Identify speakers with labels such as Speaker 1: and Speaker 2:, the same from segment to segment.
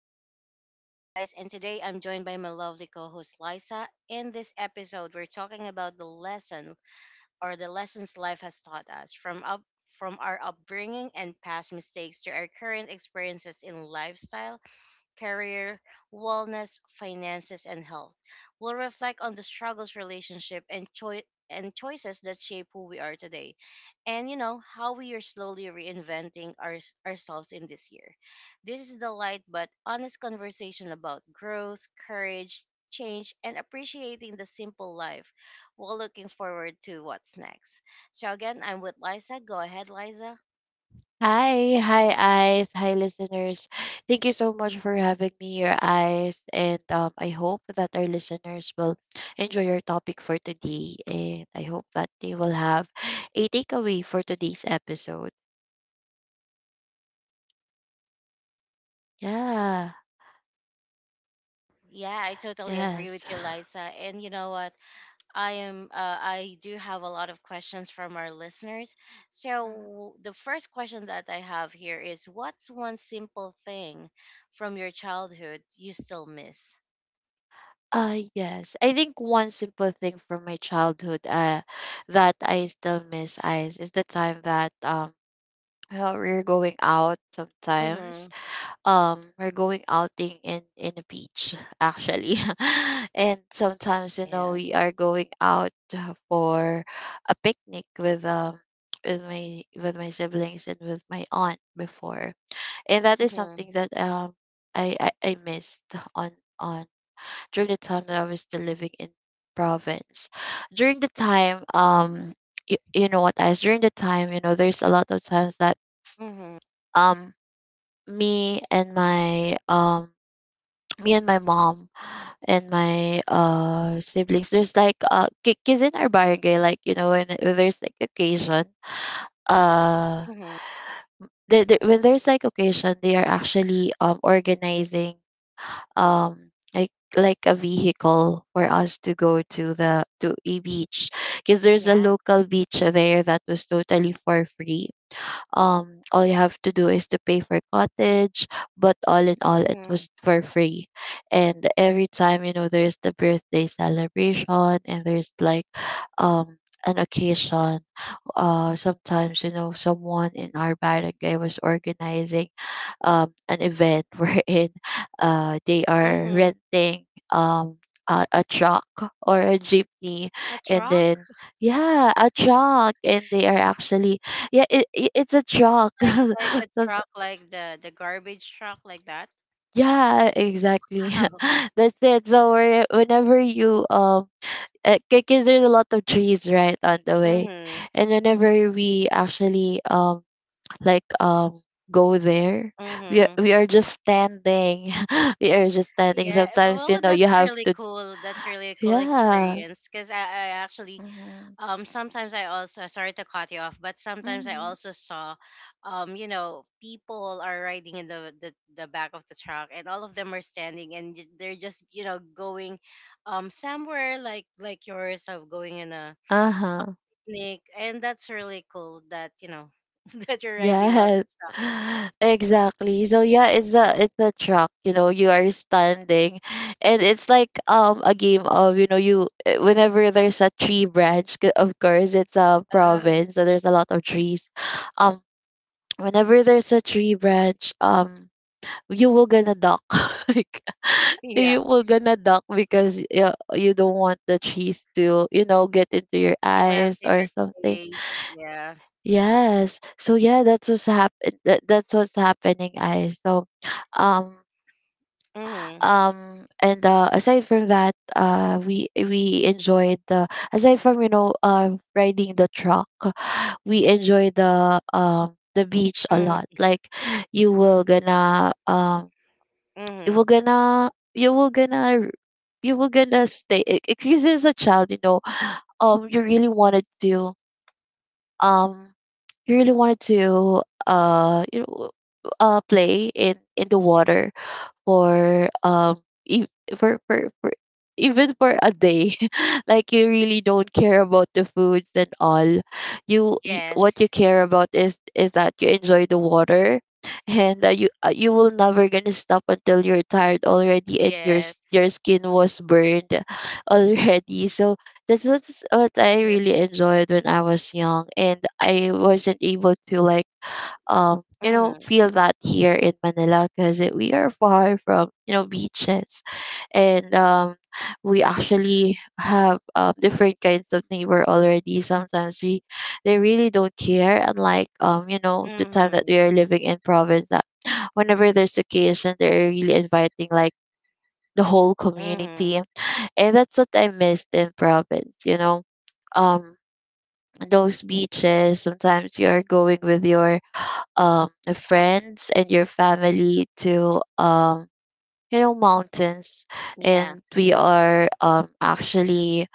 Speaker 1: Things. I'm your host Ice and today I'm joined by my lovely co-host Liza. In this episode, we're talking about the lessons life has taught us, from our upbringing and past mistakes to our current experiences in lifestyle, career, wellness, finances, and health. We'll reflect on the struggles, relationship, and choices that shape who we are today, and you know how we are slowly reinventing ourselves in this year. This is the light but honest conversation about growth, courage, change, and appreciating the simple life while looking forward to what's next. So again, I'm with Liza. Go ahead, Liza.
Speaker 2: Hi, hi, eyes, hi, listeners. Thank you so much for having me here, eyes, and I hope that our listeners will enjoy your topic for today, and I hope that they will have a takeaway for today's episode. Yeah,
Speaker 1: Yeah, I totally agree
Speaker 2: yes.
Speaker 1: with you, Liza. And you know what? I am. I do have a lot of questions from our listeners.
Speaker 2: Mhm.
Speaker 1: So the first question that I have here is, what's one simple thing from your childhood you still miss?
Speaker 2: Yes. I think one simple thing from my childhood that I still miss, eyes, is the time that we're going out
Speaker 1: Mm-hmm.
Speaker 2: sometimes, we're going outing in a beach actually and sometimes, you know,
Speaker 1: Yeah.
Speaker 2: we are going out for a picnic with my siblings and with my aunt before, and that is
Speaker 1: Mm-hmm.
Speaker 2: something that I missed on on during the time that I was still living in province. During the time, you know what, guys, during the time, you know, there's a lot of times that
Speaker 1: Mm-hmm.
Speaker 2: um me and my um me and my mom and my siblings, there's like because in our barangay, like, you know, when there's like occasion, uh
Speaker 1: Mm-hmm.
Speaker 2: when there's like occasion, they are actually organizing like a vehicle for us to go to the to a beach because there's a
Speaker 1: Yeah.
Speaker 2: local beach there that was totally for free. All you have to do is to pay for cottage, but all in all it
Speaker 1: Mm-hmm.
Speaker 2: was for free. And every time, you know, there's the birthday celebration and there's like um an occasion. Sometimes, you know, someone in our barangay was organizing an event wherein they are
Speaker 1: Mm-hmm.
Speaker 2: renting um a truck or a jeepney,
Speaker 1: A
Speaker 2: and
Speaker 1: truck,
Speaker 2: then yeah, a truck, and they are actually, yeah, it's a joke.
Speaker 1: like a
Speaker 2: Some-
Speaker 1: truck, like the garbage truck, like that.
Speaker 2: yeah, exactly.
Speaker 1: Oh.
Speaker 2: That's it. So whenever you because there's a lot of trees right on the way,
Speaker 1: Mm-hmm.
Speaker 2: and whenever we actually like um go there,
Speaker 1: Mm-hmm.
Speaker 2: we are just standing we are just standing.
Speaker 1: Yeah.
Speaker 2: Sometimes, you
Speaker 1: Well,
Speaker 2: know, you
Speaker 1: that's
Speaker 2: have
Speaker 1: really
Speaker 2: to,
Speaker 1: cool. That's really a cool
Speaker 2: yeah.
Speaker 1: experience, because I actually,
Speaker 2: Mm-hmm.
Speaker 1: sometimes I also, sorry to cut you off, but sometimes I
Speaker 2: Mm-hmm.
Speaker 1: also saw, you know, people are riding in the back of the truck and all of them are standing, and they're just, you know, going, somewhere like yours, of going in a
Speaker 2: Uh-huh.
Speaker 1: picnic. And that's really cool that, that you're riding all
Speaker 2: Yes, exactly. So yeah, it's a truck. You know, you are standing, and it's like a game of, you know, whenever there's a tree branch. 'Cause of course, it's a
Speaker 1: the,
Speaker 2: province, so there's a lot of trees. Um, Whenever there's a tree branch, you will gonna duck. Like,
Speaker 1: yeah,
Speaker 2: you will gonna duck because you don't want the trees to, you know, get into your
Speaker 1: slam
Speaker 2: eyes
Speaker 1: to
Speaker 2: or
Speaker 1: your
Speaker 2: something.
Speaker 1: face, yeah.
Speaker 2: Yes. So yeah, that's what's hap- eh, that, that's what's happening, I so um
Speaker 1: Mm-hmm,
Speaker 2: and aside from that, we enjoyed the, aside from, you know, riding the truck, we enjoy the beach a lot.
Speaker 1: mm-hmm,
Speaker 2: Like, you will gonna you
Speaker 1: mm-hmm.
Speaker 2: will gonna you will gonna stay because as a child, you know, you really wanted to, um you really wanted to you know, play in the water for e- for, for even for a day. Like, you really don't care about the foods and all. You,
Speaker 1: Yes,
Speaker 2: what you care about is that you enjoy the water. And you will never gonna stop until you're tired already and
Speaker 1: yes,
Speaker 2: your skin was burned already. So that's what I really
Speaker 1: yes.
Speaker 2: enjoyed when I was young, and I wasn't able to, like, you know,
Speaker 1: Mm-hmm.
Speaker 2: feel that here in Manila because we are far from, you know, beaches. And we actually have different kinds of neighbor already. Sometimes we, they really don't care, unlike, you know, the time that we
Speaker 1: Mm-hmm.
Speaker 2: are living in province, that whenever there's occasion, they're really inviting like the whole
Speaker 1: Mm-hmm.
Speaker 2: community. And that's what I missed in province, you know, um those beaches. Sometimes you're going with your um friends and your family to, you know, mountains,
Speaker 1: Yeah.
Speaker 2: and we are actually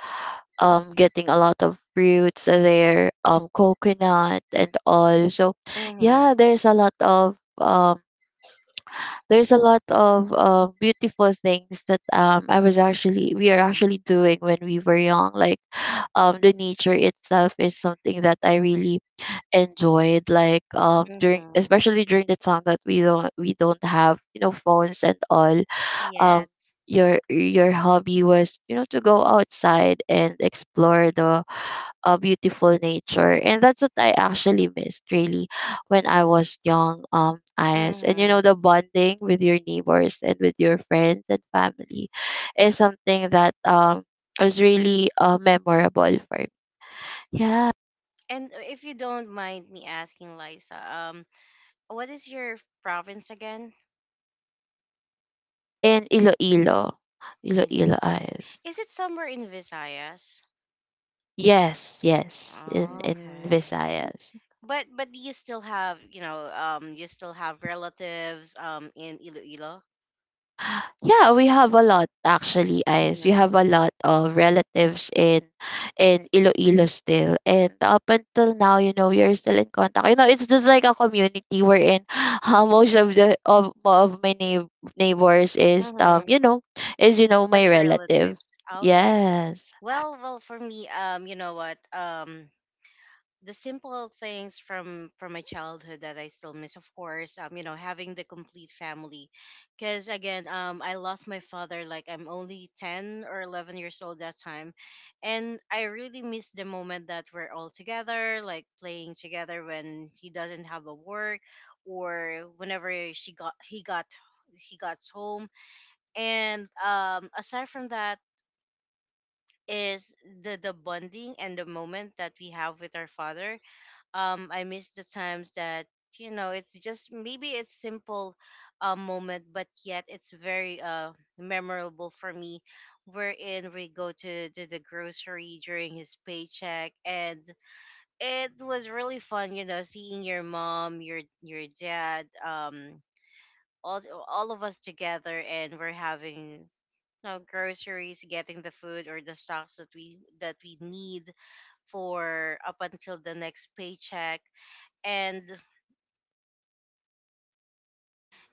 Speaker 2: getting a lot of fruits there, coconut and all. So
Speaker 1: Mhm.
Speaker 2: yeah, there's a lot of beautiful things that I was actually we are
Speaker 1: Mhm.
Speaker 2: actually doing when we were young. Like, the nature itself is something that I really enjoyed, like, during
Speaker 1: Mhm.
Speaker 2: especially during the time that we don't have, you know, phones and all. um
Speaker 1: Yes.
Speaker 2: your hobby was, you know, to go outside and explore the beautiful nature, and that's what I actually missed, really, when I was young. As And you know,
Speaker 1: Mhm.
Speaker 2: the bonding with your neighbors and with your friends and family is something that was really memorable for me, yeah.
Speaker 1: And, if you don't mind me asking, Liza, what is your province again?
Speaker 2: In Iloilo. Iloilo,
Speaker 1: Iloilo.
Speaker 2: eyes.
Speaker 1: Is it somewhere in Visayas?
Speaker 2: Yes, yes, in
Speaker 1: Oh, okay.
Speaker 2: Visayas.
Speaker 1: But do you still have, you still have relatives, in Iloilo?
Speaker 2: Yeah, we have a lot actually, eyes. We
Speaker 1: Mm-hmm.
Speaker 2: have a lot of relatives in Iloilo still. And up until now, you know, we are still in contact. You know, it's just like a community we're in. Most of the of my neighbors is,
Speaker 1: Mm-hmm.
Speaker 2: you know, is, you know, my
Speaker 1: That's your
Speaker 2: relative.
Speaker 1: relatives. Okay.
Speaker 2: Yes.
Speaker 1: Well, for me, you know what? The simple things from my childhood that I still miss, of course, you know, having the complete family, because again, I lost my father, like, I'm only 10 or 11 years old that time, and I really miss the moment that we're all together, like playing together when he doesn't have a work, or whenever she got he got he got home. And, aside from that, is the bonding and the moment that we have with our father. I miss the times that, it's just, maybe it's simple, moment, but yet it's very, memorable for me, wherein we go to the grocery during his paycheck, and it was really fun, seeing your mom, your dad, all all of us together, and we're having, groceries, getting the food or the stocks that we need for up until the next paycheck. and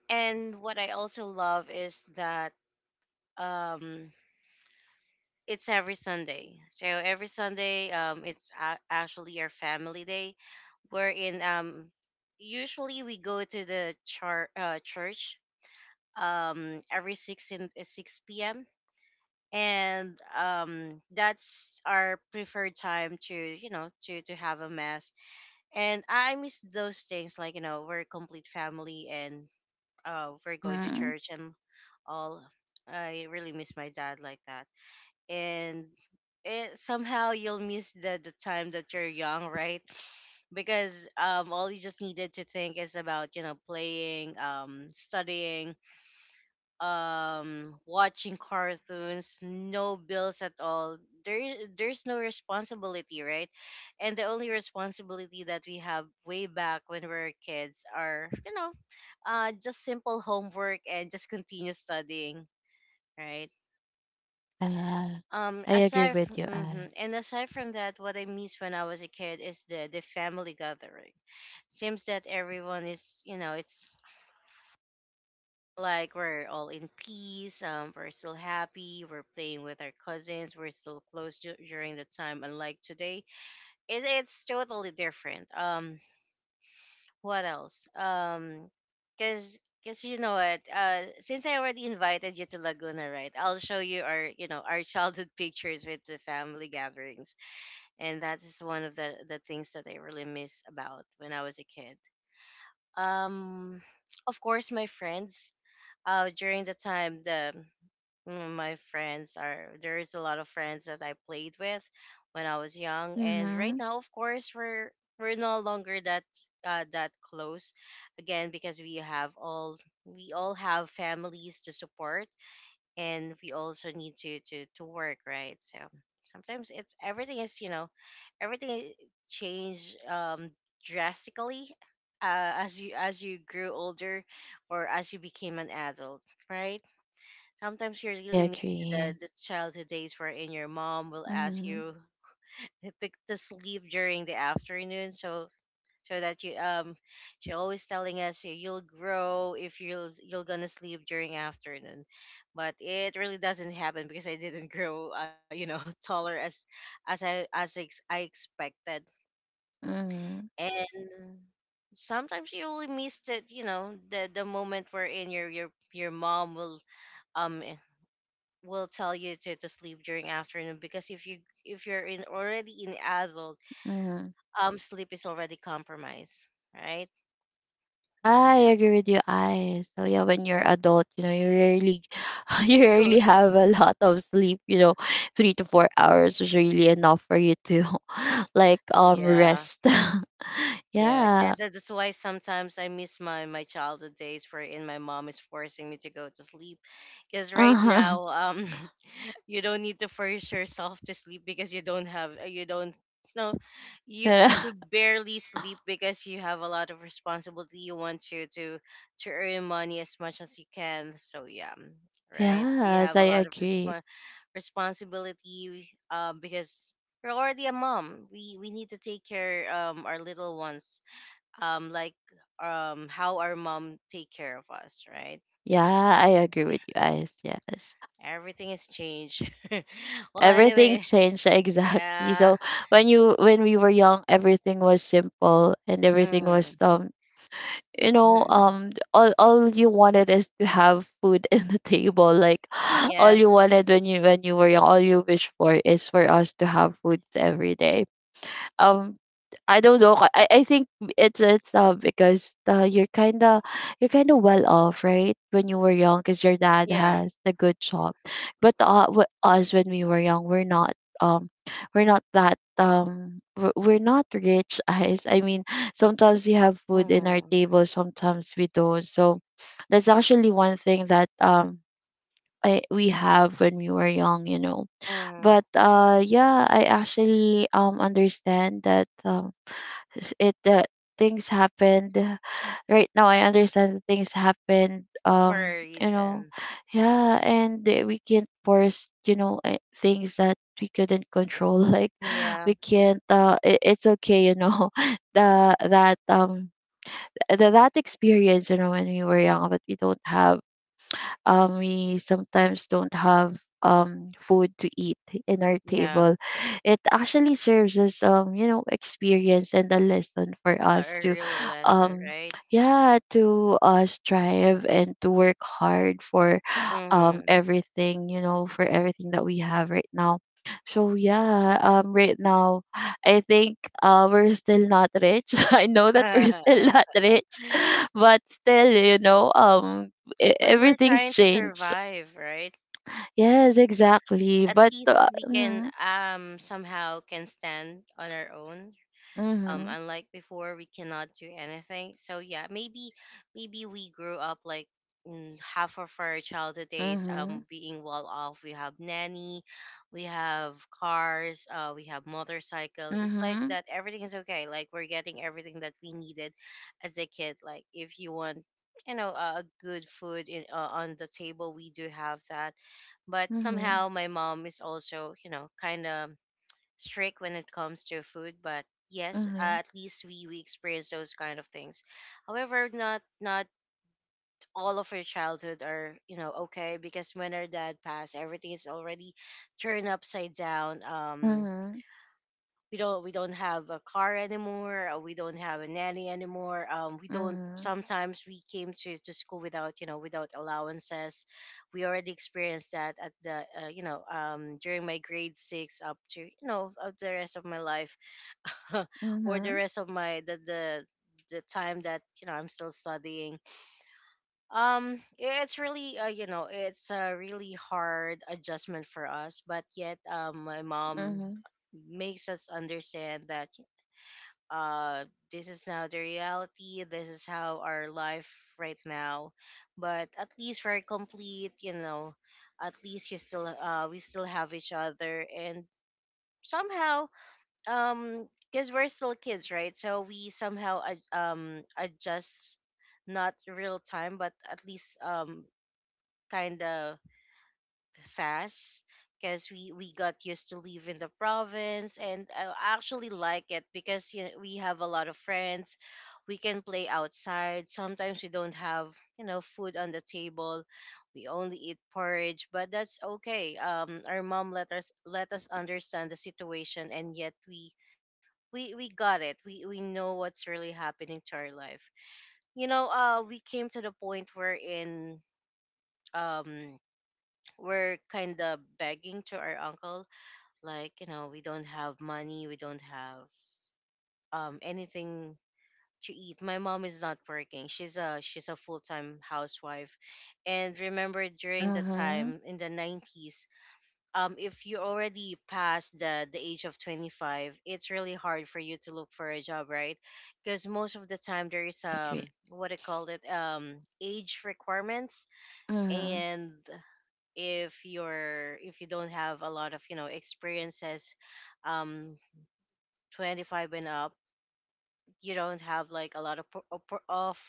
Speaker 1: and what I also love is that, um it's every Sunday. So every Sunday, it's, actually, our family day, wherein, usually we go to the, church, every 6 p.m., and, that's our preferred time to, to have a mass. And I miss those things, like, we're a complete family, and, we're going to
Speaker 2: Mm-hmm.
Speaker 1: church and all. I really miss my dad like that. And it somehow, you'll miss the time that you're young, right? Because, all you just needed to think is about, playing, studying, watching cartoons, no bills at all. There there's no responsibility, right? And the only responsibility that we have way back when we were kids are, just simple homework and just continue studying, right?
Speaker 2: Yeah.
Speaker 1: um
Speaker 2: I agree
Speaker 1: aside from,
Speaker 2: with you,
Speaker 1: hmm
Speaker 2: I.
Speaker 1: and aside from that, what I miss when I was a kid is the family gathering. Seems that everyone is, it's like, we're all in peace. We're still happy, we're playing with our cousins, we're still close, during the time, unlike today. It's totally different. What else? Because because you know what, since I already invited you to Laguna, right? I'll show you our, childhood pictures with the family gatherings. And that is one of the things that I really miss about when I was a kid. um of course, my friends, during the time, my friends, are there is a lot of friends that I played with when I was young. And right
Speaker 2: Mm-hmm.
Speaker 1: now, of course, we're no longer that, that close, again because we all have families to support, and we also need to work, right? So sometimes, it's everything is, everything change, drastically, as you grew older, or as you became an adult, right? Sometimes you
Speaker 2: I
Speaker 1: really miss the,
Speaker 2: agree.
Speaker 1: the childhood days wherein your mom will ask
Speaker 2: Mhm.
Speaker 1: you, to sleep during the afternoon, so that you, she always telling us, You'll grow if you'll gonna sleep during afternoon." But it really doesn't happen because I didn't grow, taller as I expected.
Speaker 2: Mhm.
Speaker 1: And sometimes you really miss that, the moment wherein your mom will, um will tell you, to sleep during afternoon, because if you're in already in adult,
Speaker 2: Mhm.
Speaker 1: sleep is already compromised, right?
Speaker 2: Yeah,
Speaker 1: Oh,
Speaker 2: I
Speaker 1: yeah.
Speaker 2: agree with you, eyes. So yeah, when you're adult, you know, you rarely, you rarely
Speaker 1: Good.
Speaker 2: have a lot of sleep. You know, 3 to 4 hours is really enough for you to, like,
Speaker 1: Yeah,
Speaker 2: rest.
Speaker 1: yeah,
Speaker 2: Yeah.
Speaker 1: that's why sometimes I miss my childhood days wherein my mom is forcing me to go to sleep. Because
Speaker 2: Uh
Speaker 1: right
Speaker 2: huh.
Speaker 1: now, you don't need to force yourself to sleep, because you don't have, you don't, no, you barely sleep, because you have a lot of responsibility. You want to earn money as much as you can, so yeah. Right, we
Speaker 2: Yes,
Speaker 1: have a
Speaker 2: I
Speaker 1: lot of,
Speaker 2: agree.
Speaker 1: responsibility, because we're already a mom, we need to take care, our little ones, like, how our mom take care of us, right?
Speaker 2: Yeah, I agree with you, eyes. Yes,
Speaker 1: Everything has changed. Well,
Speaker 2: everything
Speaker 1: anyway,
Speaker 2: changed. Exactly.
Speaker 1: yeah.
Speaker 2: So when you, when we were young, everything was simple and everything was,
Speaker 1: Mhm.
Speaker 2: you know,
Speaker 1: Mhm.
Speaker 2: all you wanted is to have food in the table. Like, all
Speaker 1: Yes.
Speaker 2: you wanted when you, when you were young, all you wish for is for us to have foods every day. Um I don't know. I think it's, because you're kind of, you're kind of well off, right? When you were young, because your dad
Speaker 1: Yeah.
Speaker 2: has a good job, but, w- us when we were young, we're not, um we're not that, we're not rich. Guys, I mean, sometimes we have food in our
Speaker 1: Mhm.
Speaker 2: table, sometimes we don't. So that's actually one thing that, we have when we were young, you know.
Speaker 1: Mhm.
Speaker 2: But yeah, I actually understand that, s- it that things happened. Right now, I understand that things happened.
Speaker 1: For a
Speaker 2: You know,
Speaker 1: reason.
Speaker 2: yeah, and that we can't force, you know, things that we couldn't control. Like,
Speaker 1: Yeah.
Speaker 2: we can't. It's okay, you know. The That, that experience, you know, when we were young, but we sometimes don't have, food to eat in our
Speaker 1: Yeah.
Speaker 2: table. It actually serves as, you know, experience and a lesson for
Speaker 1: A,
Speaker 2: us
Speaker 1: a
Speaker 2: to,
Speaker 1: real lesson,
Speaker 2: um,
Speaker 1: right?
Speaker 2: yeah, to strive and to work hard for,
Speaker 1: Mhm.
Speaker 2: everything, you know, for everything that we have right now. So yeah, right now I think we're still not rich. I know that we're still not rich, but still, you know,
Speaker 1: But we're
Speaker 2: everything's
Speaker 1: trying to
Speaker 2: changed.
Speaker 1: survive, right?
Speaker 2: Yes, exactly.
Speaker 1: At
Speaker 2: But
Speaker 1: least we can,
Speaker 2: mm-hmm,
Speaker 1: somehow, can stand on our own,
Speaker 2: mm-hmm,
Speaker 1: unlike before, we cannot do anything, so yeah. Maybe, we grew up, like, half of our childhood days,
Speaker 2: mm-hmm,
Speaker 1: being well off. We have nanny, we have cars, we have motorcycle. It's like that, everything is okay, like, we're getting everything that we needed as a kid. Like, if you want, a good food in, on the table, we do have that. But
Speaker 2: mm-hmm,
Speaker 1: somehow, my mom is also, kind of strict when it comes to food. But yes,
Speaker 2: mm-hmm,
Speaker 1: at least, we experience those kind of things. However, not, not all of our childhood are, okay, because when our dad passed, everything is already turned upside down.
Speaker 2: mm-hmm,
Speaker 1: We don't have a car anymore, we don't have a nanny anymore, we don't,
Speaker 2: mm-hmm,
Speaker 1: sometimes we came to school without, without allowances. We already experienced that at the you know during my grade 6, up to, of the rest of my life. Or the
Speaker 2: mm-hmm,
Speaker 1: rest of my, the time that, I'm still studying. It's really it's a really hard adjustment for us, but yet my
Speaker 2: mm-hmm,
Speaker 1: mom makes us understand that uh this is now the reality. This is how our life right now. But at least we're complete, you know, at least you still we still have each other, and somehow, because we're still kids, right? So we somehow adjust, not real time but at least kind of fast, because we got used to live in the province. And I actually like it because, you know, we have a lot of friends. We can play outside. Sometimes we don't have, you know, food on the table. We only eat porridge, but that's okay. Our mom let us understand the situation, and yet we got it we Know what's really happening to our life. We came to the point where in um we're kind of begging to our uncle, like, you know, we don't have money, we don't have anything to eat. My mom is not working. She's a full-time housewife. And remember, during the
Speaker 2: mm-hmm.
Speaker 1: time in the 90s, if you already passed the age of 25, it's really hard for you to look for a job, right? Because most of the time there is,
Speaker 2: I agree.
Speaker 1: what I call it, age requirements.
Speaker 2: Mm-hmm,
Speaker 1: And if you don't have a lot of, you know, experiences, um 25 and up, you don't have like a lot of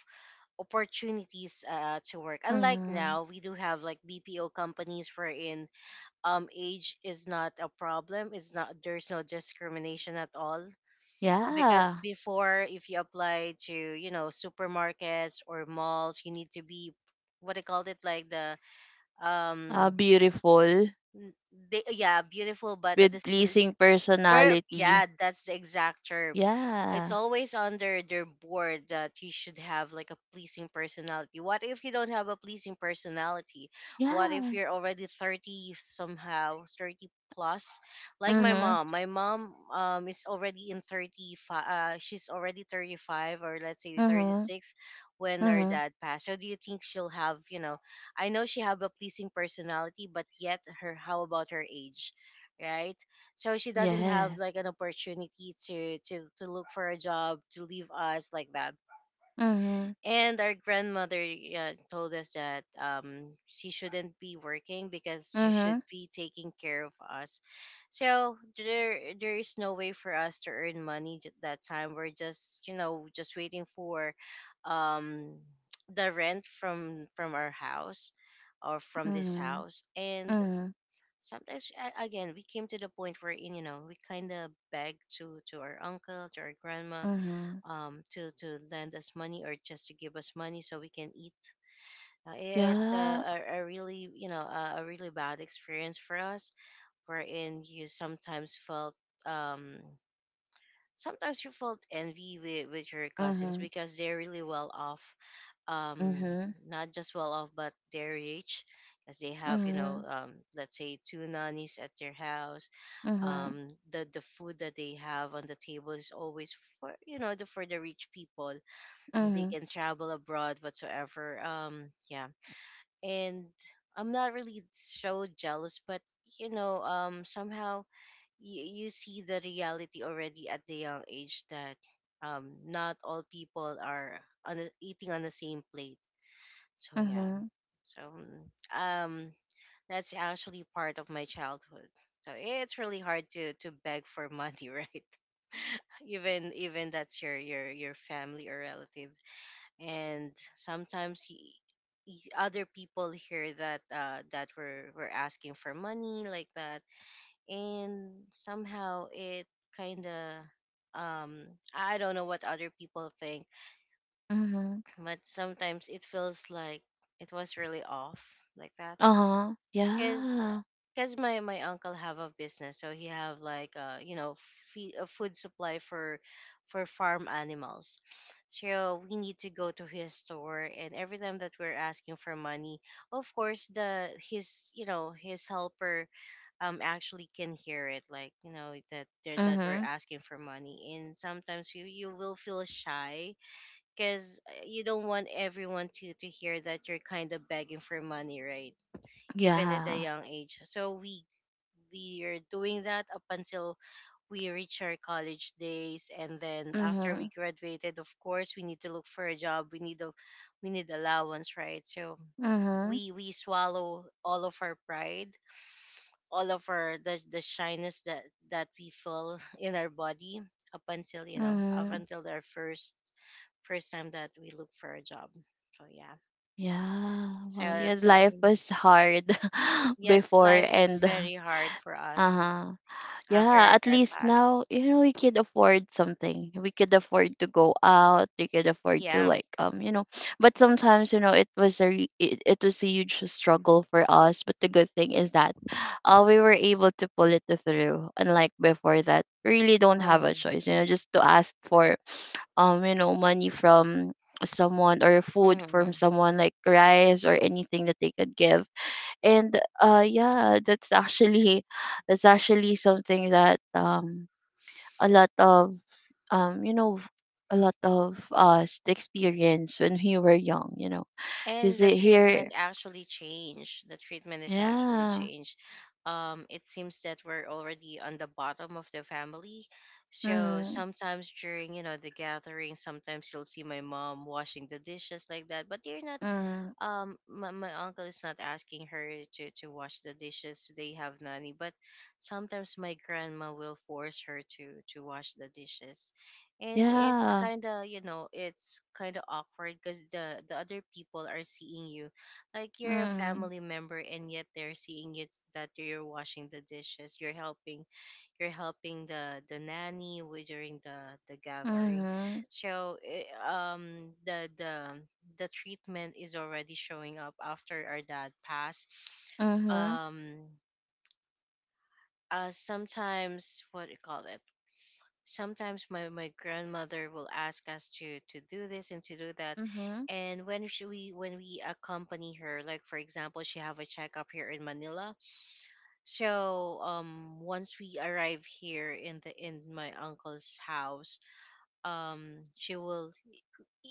Speaker 1: opportunities to work. Unlike
Speaker 2: mm-hmm.
Speaker 1: now, we do have like bpo companies wherein, age is not a problem. It's not There's no discrimination at all. Because
Speaker 2: Yeah.
Speaker 1: before, if you apply to, you know, supermarkets or malls, you need to be what I called it like the, um
Speaker 2: Beautiful
Speaker 1: n- they, yeah, beautiful, but at
Speaker 2: with
Speaker 1: the same
Speaker 2: pleasing
Speaker 1: Yeah,
Speaker 2: personality.
Speaker 1: that's the exact term. It's
Speaker 2: Yeah.
Speaker 1: always under their board that you should have like a pleasing personality. What if you don't have a pleasing personality? What if
Speaker 2: Yeah.
Speaker 1: you're already 30 somehow, 30 plus? Like my
Speaker 2: Mm-hmm.
Speaker 1: mom. My mom is already in 35, she's already 35, or let's say
Speaker 2: Mm-hmm.
Speaker 1: 36, when her
Speaker 2: Mm-hmm.
Speaker 1: dad passed. So do you think she'll have, you know, I know she have a pleasing personality, but yet her, how about her age, right? So she doesn't have
Speaker 2: Yes.
Speaker 1: like an opportunity to look for a job, to leave us like that.
Speaker 2: Mm-hmm.
Speaker 1: And our grandmother, yeah, told us that, she shouldn't be working because she
Speaker 2: Mm-hmm.
Speaker 1: should be taking care of us. So there is no way for us to earn money at that time. We're just, you know, just waiting for, um the rent from our house, or from this
Speaker 2: Mm-hmm.
Speaker 1: house, and
Speaker 2: Mm-hmm.
Speaker 1: sometimes again, we came to the point where in you know, we kind of begged to our uncle, to our grandma,
Speaker 2: Mm-hmm.
Speaker 1: to lend us money or just to give us money so we can eat. It's a,
Speaker 2: Yeah.
Speaker 1: a, a really, you know, a really bad experience for us, wherein you sometimes felt, um sometimes you felt envy with your
Speaker 2: Uh
Speaker 1: cousins
Speaker 2: huh.
Speaker 1: because they're really well off.
Speaker 2: Uh
Speaker 1: um
Speaker 2: huh.
Speaker 1: Not just well off, but they're rich, as they
Speaker 2: Uh
Speaker 1: have, you
Speaker 2: huh.
Speaker 1: know, let's say two nannies at their house.
Speaker 2: Uh huh.
Speaker 1: The food that they have on the table is always for, you know, the, for the rich people. They
Speaker 2: Mhm.
Speaker 1: can travel abroad, whatsoever, yeah. And I'm not really so jealous, but, you know, somehow you see the reality already at the young age that, not all people are on the, eating on the same plate. So yeah.
Speaker 2: Uh-huh.
Speaker 1: So that's actually part of my childhood. So it's really hard to beg for money, right? Even that's your family or relative. And sometimes other people here that were asking for money like that, and somehow it kind of, um I don't know what other people think,
Speaker 2: Uh huh.
Speaker 1: but sometimes it feels like it was really off like that.
Speaker 2: Huh. Huh.
Speaker 1: because
Speaker 2: Yeah.
Speaker 1: because my uncle have a business, so he have like, you know, food supply for farm animals. So we need to go to his store, and every time that we're asking for money, of course the his, you know, his helper actually can hear it, like, you know, that that we're
Speaker 2: Mhm.
Speaker 1: asking for money. And sometimes you will feel shy because you don't want everyone to hear that you're kind of begging for money, right, even at a
Speaker 2: Yeah.
Speaker 1: young age. So we are doing that up until we reach our college days, and then after we
Speaker 2: Mhm,
Speaker 1: graduated, of course we need to look for a job. We need allowance, right? So
Speaker 2: mhm,
Speaker 1: we swallow all of our pride, all of our the shyness that we feel in our body up until, you know, up
Speaker 2: mhm.
Speaker 1: until our first time that we look for a job. So yeah.
Speaker 2: Yeah. Well,
Speaker 1: so
Speaker 2: yeah,
Speaker 1: so
Speaker 2: life was hard
Speaker 1: yes,
Speaker 2: before,
Speaker 1: life is
Speaker 2: and
Speaker 1: very hard for us
Speaker 2: uh-huh.
Speaker 1: after
Speaker 2: Yeah,
Speaker 1: our
Speaker 2: at
Speaker 1: dad
Speaker 2: least
Speaker 1: passed.
Speaker 2: now, you know, we could afford something. We could afford to go out. We could afford to
Speaker 1: Yeah.
Speaker 2: like, you know, but sometimes, you know, it was it was a huge struggle for us, but the good thing is that we were able to pull it through. Unlike before that, we really don't have a
Speaker 1: Mm-hmm.
Speaker 2: choice, you know, just to ask for, you know, money from someone, or food from
Speaker 1: Mm-hmm.
Speaker 2: someone, like rice or anything that they could give. And yeah, that's actually, that's actually something that a lot of you know, a lot of us experience when we were young, you know, because
Speaker 1: And the treatment
Speaker 2: here,
Speaker 1: actually changed. The treatment is actually
Speaker 2: yeah,
Speaker 1: changed. It seems that we're already on the bottom of the family. So
Speaker 2: mm,
Speaker 1: sometimes during, you know, the gathering, sometimes you'll see my mom washing the dishes like that, but they're not,
Speaker 2: mm,
Speaker 1: my uncle is not asking her to wash the dishes. They have nanny, but sometimes my grandma will force her to wash the dishes. And it's
Speaker 2: yeah,
Speaker 1: kind of, you know, it's kind of awkward because the other people are seeing you like you're a
Speaker 2: mm,
Speaker 1: family member, and yet they're seeing you that you're washing the dishes. You're helping, the nanny during the gathering.
Speaker 2: mm-hmm,
Speaker 1: So um the the the treatment is already showing up after our dad passed.
Speaker 2: mm-hmm,
Speaker 1: um Sometimes, what do you call it, sometimes my grandmother will ask us to do this and to do that.
Speaker 2: mm-hmm,
Speaker 1: And we, when we accompany her, like for example, she have a checkup here in Manila. So, once we arrive here in the in my uncle's house, she will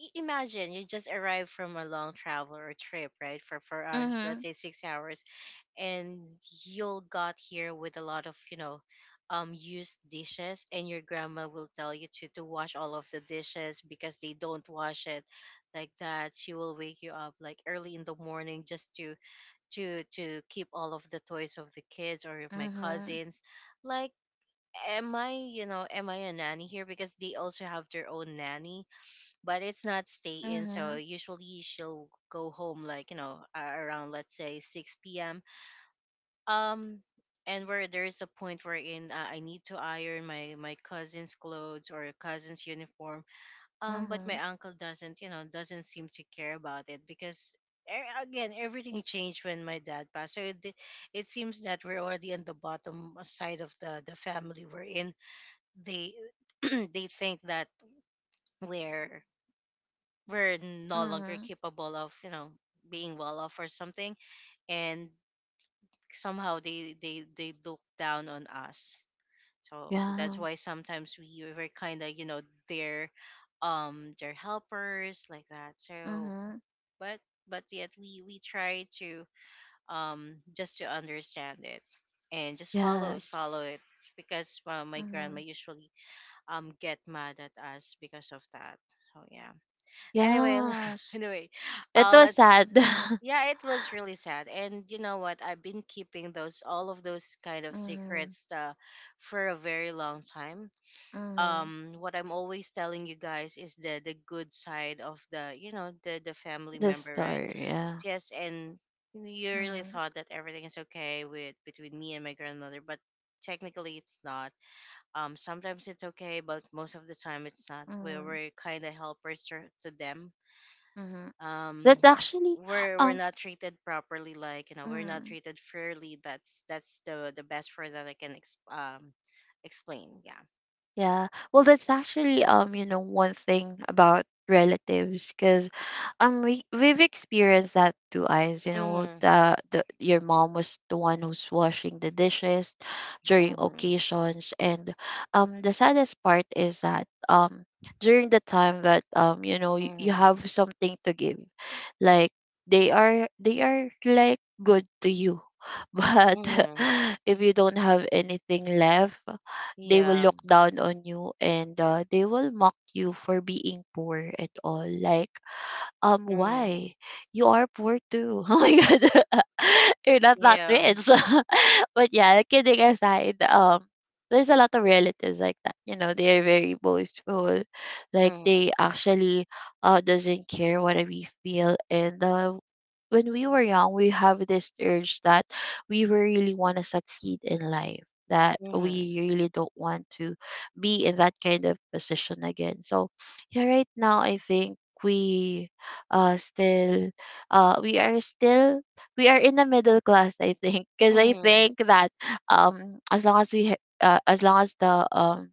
Speaker 1: imagine you just arrived from a long travel or trip, right? For hours, let's
Speaker 2: mm-hmm,
Speaker 1: say 6 hours, and you'll got here with a lot of, you know, used dishes, and your grandma will tell you to wash all of the dishes because they don't wash it, like that. She will wake you up like early in the morning just to keep all of the toys of the kids or of my
Speaker 2: mm-hmm,
Speaker 1: cousins. Like, am I, you know, am I a nanny here? Because they also have their own nanny, but it's not stay in. So
Speaker 2: mm-hmm,
Speaker 1: usually she'll go home like, you know, around, let's say, 6 p.m. um and where there's a point wherein, I need to iron my cousin's clothes or cousin's uniform. But
Speaker 2: mm-hmm,
Speaker 1: my uncle doesn't, you know, doesn't seem to care about it, because again, everything changed when my dad passed. So it seems that we're already on the bottom side of the family we're in. They they think that we're we're no longer
Speaker 2: mm-hmm,
Speaker 1: capable of, you know, being well off or something, and somehow they look down on us. So that's
Speaker 2: yeah,
Speaker 1: why sometimes we were kind of, you know, their their helpers like that. So,
Speaker 2: mm-hmm,
Speaker 1: but but yet we try to, just to understand it and just follow it,
Speaker 2: yes,
Speaker 1: because, my grandma
Speaker 2: mm-hmm,
Speaker 1: usually get mad at us because of that. So yeah. Anyway,
Speaker 2: yes,
Speaker 1: anyway
Speaker 2: it was
Speaker 1: let's,
Speaker 2: sad.
Speaker 1: yeah, it was really sad. And you know what? I've been keeping those all of those kind of
Speaker 2: Mhm,
Speaker 1: secrets, for a very long time.
Speaker 2: mhm.
Speaker 1: What I'm always telling you guys is the good side of the, you know, the family
Speaker 2: The
Speaker 1: member,
Speaker 2: star,
Speaker 1: right?
Speaker 2: yeah.
Speaker 1: Yes, and you really
Speaker 2: Mhm,
Speaker 1: thought that everything is okay with between me and my grandmother, but technically it's not. Sometimes it's okay, but most of the time it's not. we're,
Speaker 2: mhm,
Speaker 1: we're kind of helpers to them.
Speaker 2: mhm.
Speaker 1: um
Speaker 2: That's actually
Speaker 1: we're
Speaker 2: um
Speaker 1: not treated properly, like, you know, we're not
Speaker 2: Mm.
Speaker 1: treated fairly. That's the best word that I can explain, yeah.
Speaker 2: Yeah. Well, that's actually one thing about relatives because we we've experienced that too, eyes, you know,
Speaker 1: Mm-hmm.
Speaker 2: the your mom was the one who's washing the dishes during
Speaker 1: Mm-hmm.
Speaker 2: occasions. And the saddest part is that during the time that you, you
Speaker 1: Mm-hmm.
Speaker 2: have something to give, like they are like good to you but
Speaker 1: Mm-hmm.
Speaker 2: if you don't have anything left, they will
Speaker 1: Yeah.
Speaker 2: look down on you, and they will mock you for being poor at all. Like
Speaker 1: Mm-hmm.
Speaker 2: why? You are poor too. Oh my god. You're not that
Speaker 1: Yeah.
Speaker 2: rich. But yeah, kidding aside, there's a lot of relatives like that. You know, they are very boastful. Like
Speaker 1: Mm-hmm.
Speaker 2: they actually doesn't care what we feel, and when we were young we have this urge that we really want to succeed in life, that
Speaker 1: Mm-hmm.
Speaker 2: we really don't want to be in that kind of position again. So yeah, right now I think we still we are still, we are in the middle class I think. Because I
Speaker 1: Mm-hmm.
Speaker 2: think that as long as the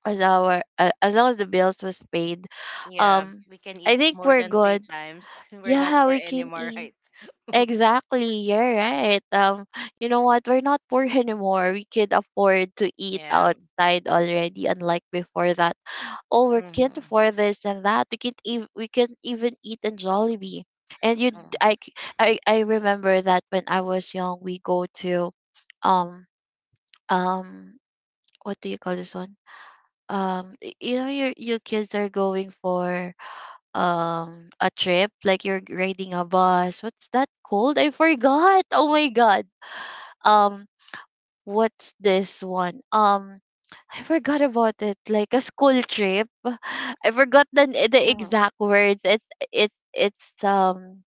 Speaker 2: as long as the bills was paid,
Speaker 1: Yeah.
Speaker 2: um
Speaker 1: We can eat
Speaker 2: I think
Speaker 1: more
Speaker 2: we're
Speaker 1: than three
Speaker 2: good.
Speaker 1: times. We're not
Speaker 2: Yeah,
Speaker 1: poor
Speaker 2: we can
Speaker 1: anymore,
Speaker 2: eat.
Speaker 1: right?
Speaker 2: Exactly, you're right. You know what, we're not poor anymore. We could afford to eat
Speaker 1: Yeah.
Speaker 2: outside already, unlike before that. Oh, we can't
Speaker 1: Mm-hmm.
Speaker 2: afford this and that. We can't even, we can't even eat in Jollibee. And you, d- I, c- I remember that when I was young, we go to, um, um, what do you call this one? You know, your kids are going for a trip, like you're riding a bus. What's that called? I forgot. Oh my god. Um, what's this one? I forgot about it. Like a school trip. I forgot the
Speaker 1: Mm-hmm.
Speaker 2: exact words. It's it's.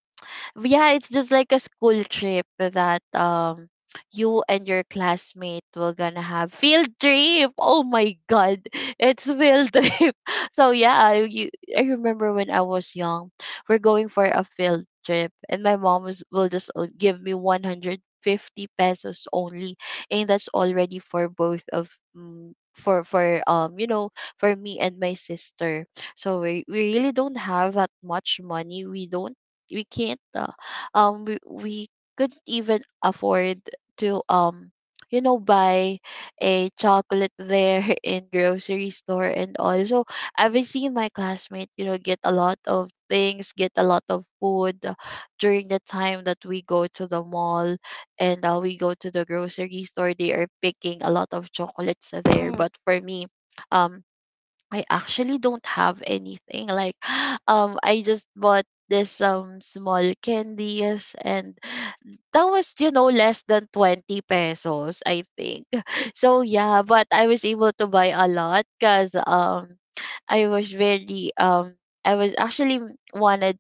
Speaker 2: Yeah, it's just like a school trip that you and your classmate were gonna have field trip. Oh my god, it's field trip. So I remember when I was young, we're going for a field trip, and my mom will just give me 150 pesos only, and that's already for both of. For for me and my sister. So we really don't have that much money. We don't we can't we couldn't even afford to buy a chocolate there in grocery store and all. So I've seen my classmate, you know, get a lot of things, get a lot of food, during the time that we go to the mall, and we go to the grocery store, they are picking a lot of chocolates there.
Speaker 1: Mm-hmm.
Speaker 2: But for me, um I actually don't have anything. Like, I just bought this small candies, and that was, you know, less than 20 pesos I think. So yeah, but I was able to buy a lot, because I was very I was actually wanted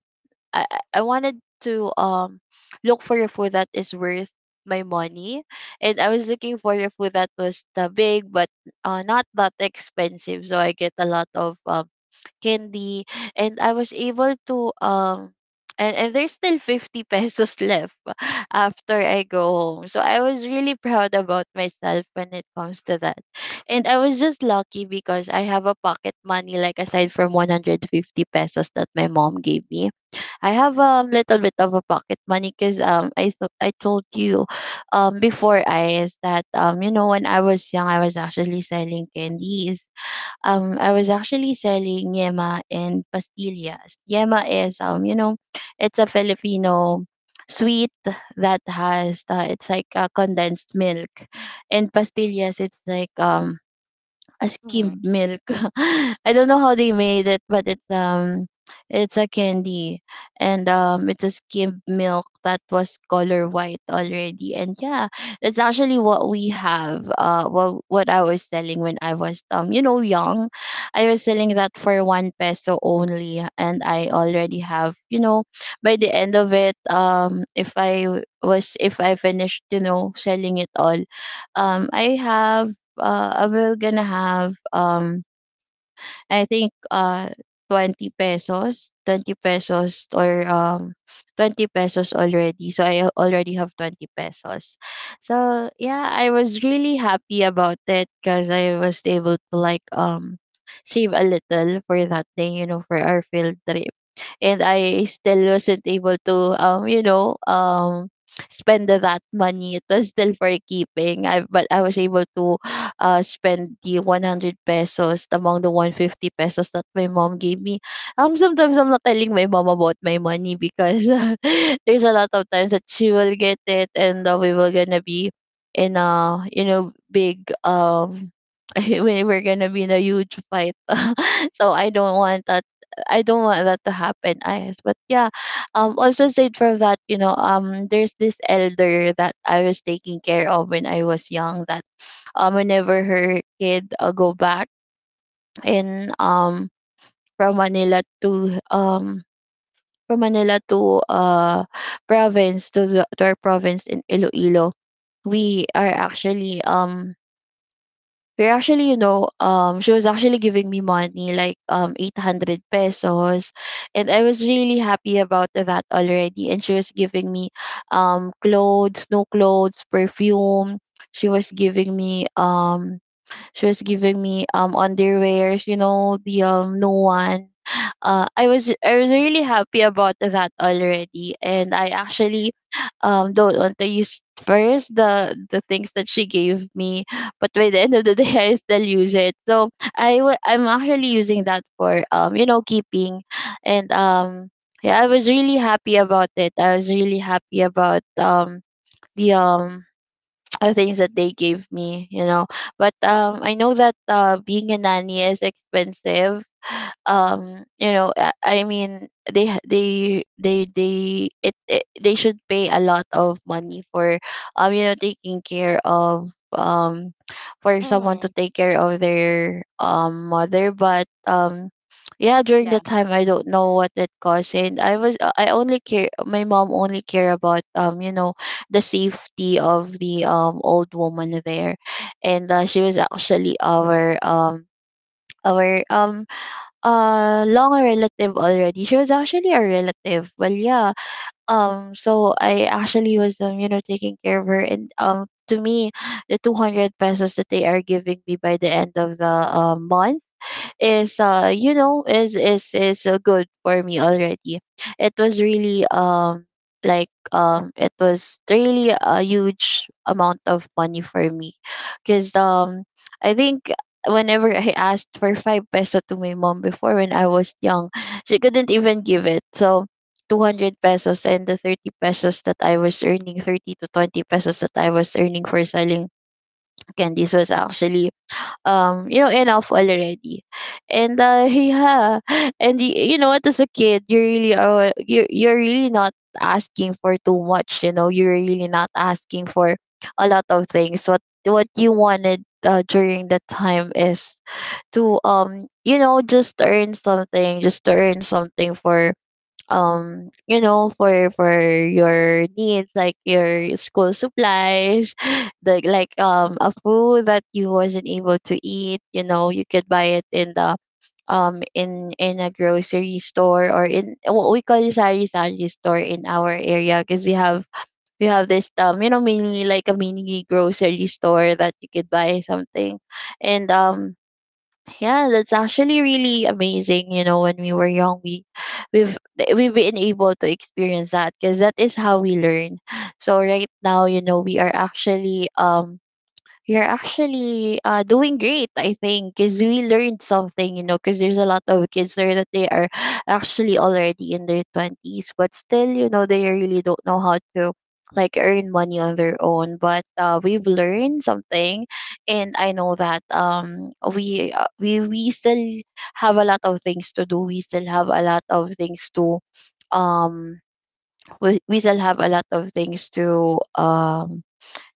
Speaker 2: I wanted to look for a food that is worth my money, and I was looking for a food that was the big, but not that expensive. So I get a lot of candy, and I was able to. And, there's still 50 pesos left after I go home. So I was really proud about myself when it comes to that. And I was just lucky because I have a pocket money, like aside from 150 pesos that my mom gave me. I have a little bit of a pocket money, because I told you before I is that you know when I was young I was actually selling candies. I was actually selling yema and pastillas. Yema is, you know, it's a Filipino sweet that has, it's like, condensed milk. And pastillas, it's like a
Speaker 1: Mm-hmm.
Speaker 2: skim milk. I don't know how they made it, but it's a candy. And it's a skim milk that was color white already. And yeah, that's actually what we have. What I was selling when I was, you know, young. I was selling that for one peso only, and I already have, you know, by the end of it, if I was if I finished, you know, selling it all, I have we're gonna have I think 20 pesos, 20 pesos or um 20 pesos already. So I already have 20 pesos. So yeah, I was really happy about it, cuz I was able to, like, save a little for that day, you know, for our field trip. And I still wasn't able to, spend that money. It was still for keeping. I but I was able to spend the 100 pesos among the 150 pesos that my mom gave me. Um, sometimes I'm not telling my mom about my money, because there's a lot of times that she will get it, and we were gonna be in a, you know, big we're gonna be in a huge fight. So I don't want that. I don't want that to happen, Ayes. But yeah, also aside from that, you know, there's this elder that I was taking care of when I was young. That, whenever her kid, go back in, from Manila to um from Manila to, province to the to our province in Iloilo, we are actually we're actually, you know, she was actually giving me money, like, 800 pesos. And I was really happy about that already. And she was giving me, clothes, new clothes, perfume. She was giving me um, She was giving me underwears, you know, the no one. I was really happy about that already, and I actually don't want to use first the things that she gave me, but by the end of the day, I still use it. So I'm actually using that for, you know, keeping, and yeah, I was really happy about it. I was really happy about the um the things that they gave me, you know. But I know that, being a nanny is expensive, you know I mean they ha- they it, it they should pay a lot of money for taking care of, for someone to
Speaker 1: Mm-hmm.
Speaker 2: take care of their mother. But yeah, during the
Speaker 1: Yeah.
Speaker 2: time I don't know what it cost, and I was I only care my mom only care about, you know, the safety of the old woman there. And she was actually our our um long relative already. She was actually a relative. Well, yeah. So I actually was, you know, taking care of her, and to me the 200 pesos that they are giving me by the end of the, month is, good for me already. It was really it was really a huge amount of money for me, because I think whenever I asked for five peso to my mom before when I was young, she couldn't even give it. So 200 pesos and the 30 pesos that I was earning, 30 to 20 pesos that I was earning for selling candies was actually, you know, enough already. And yeah. And you know what, as a kid you really are, you're really not asking for too much. You know, you're really not asking for a lot of things. What you wanted, during that time is to, you know, just earn something, just to earn something for, you know, for your needs, like your school supplies. The, like, a food that you wasn't able to eat, you know, you could buy it in the in a grocery store, or in what we call sari sari store in our area, because we have this, you know, mini, like a mini grocery store that you could buy something. And yeah, that's actually really amazing. You know, when we were young, we've we've been able to experience that because that is how we learn. So right now, you know, we are actually, you're actually, doing great, I think, because we learned something. You know, because there's a lot of kids there that they are actually already in their 20s, but still, you know, they really don't know how to, like, earn money on their own. But we've learned something, and I know that we still have a lot of things to do. We still have a lot of things to um we still have a lot of things to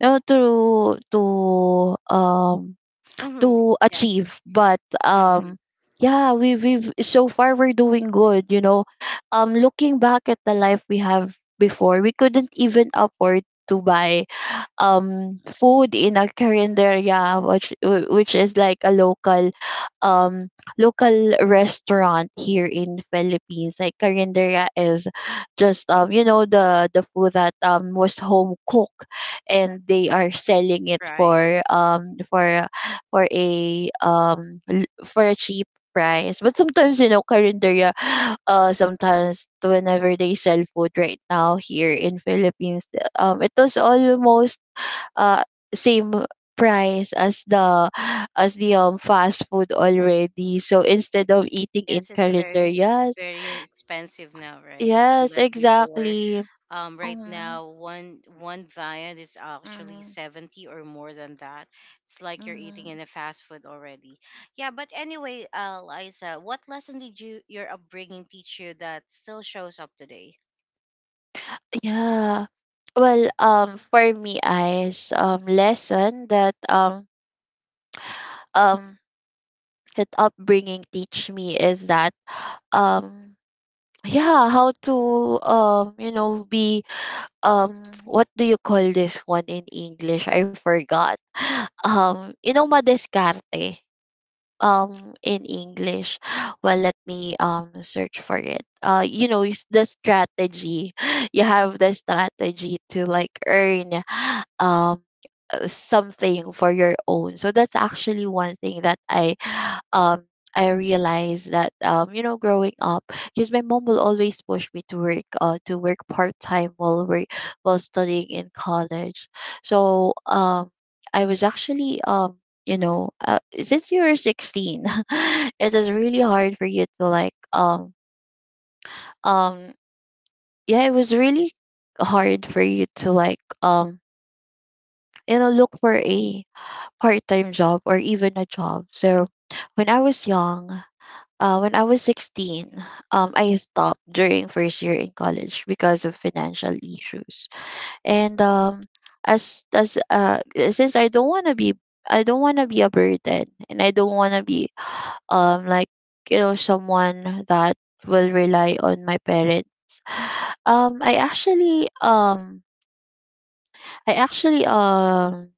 Speaker 2: know um
Speaker 1: Mm-hmm.
Speaker 2: to
Speaker 1: Yes.
Speaker 2: achieve, but
Speaker 1: Mm-hmm.
Speaker 2: yeah, we've so far, we're doing good. Looking back at the life we have before, we couldn't even afford to buy food in a carinderia, which is like a local um local restaurant here in Philippines. Like, carinderia is just the food that was home cooked, and they are selling it
Speaker 1: Right.
Speaker 2: for a cheap price. But sometimes, you know, carinderia, sometimes whenever they sell food right now here in Philippines, it was almost uh same price as the fast food already. So instead of eating in
Speaker 1: Yes, it's
Speaker 2: calendar,
Speaker 1: very
Speaker 2: yes,
Speaker 1: very expensive now, right?
Speaker 2: yes,
Speaker 1: Unlike before.
Speaker 2: exactly.
Speaker 1: Right
Speaker 2: Mm-hmm.
Speaker 1: now, one diet is actually
Speaker 2: Mm-hmm.
Speaker 1: 70 or more than that. It's like you're eating
Speaker 2: Mm-hmm.
Speaker 1: in a fast food already. Yeah, but anyway, Liza, what lesson did your upbringing teach you that still shows up today?
Speaker 2: Yeah. Well, for me, I's lesson that um that upbringing teach me is that um yeah, how to be what do you call this one in English? I forgot. Madiskarte. In English Well, let me search for it. It's the strategy. You have the strategy to like earn um something for your own. So that's actually one thing that I um I realized that growing up, because my mom will always push me to work to work part time while we while studying in college. So I was actually since you're 16 it is really hard for you to like um yeah it was really hard for you to like look for a part-time job or even a job. So when I was young, when I was 16, I stopped during first year in college because of financial issues. And as Since I don't want to be, a burden, and I don't want to be um like someone that will rely on my parents. Um I actually I actually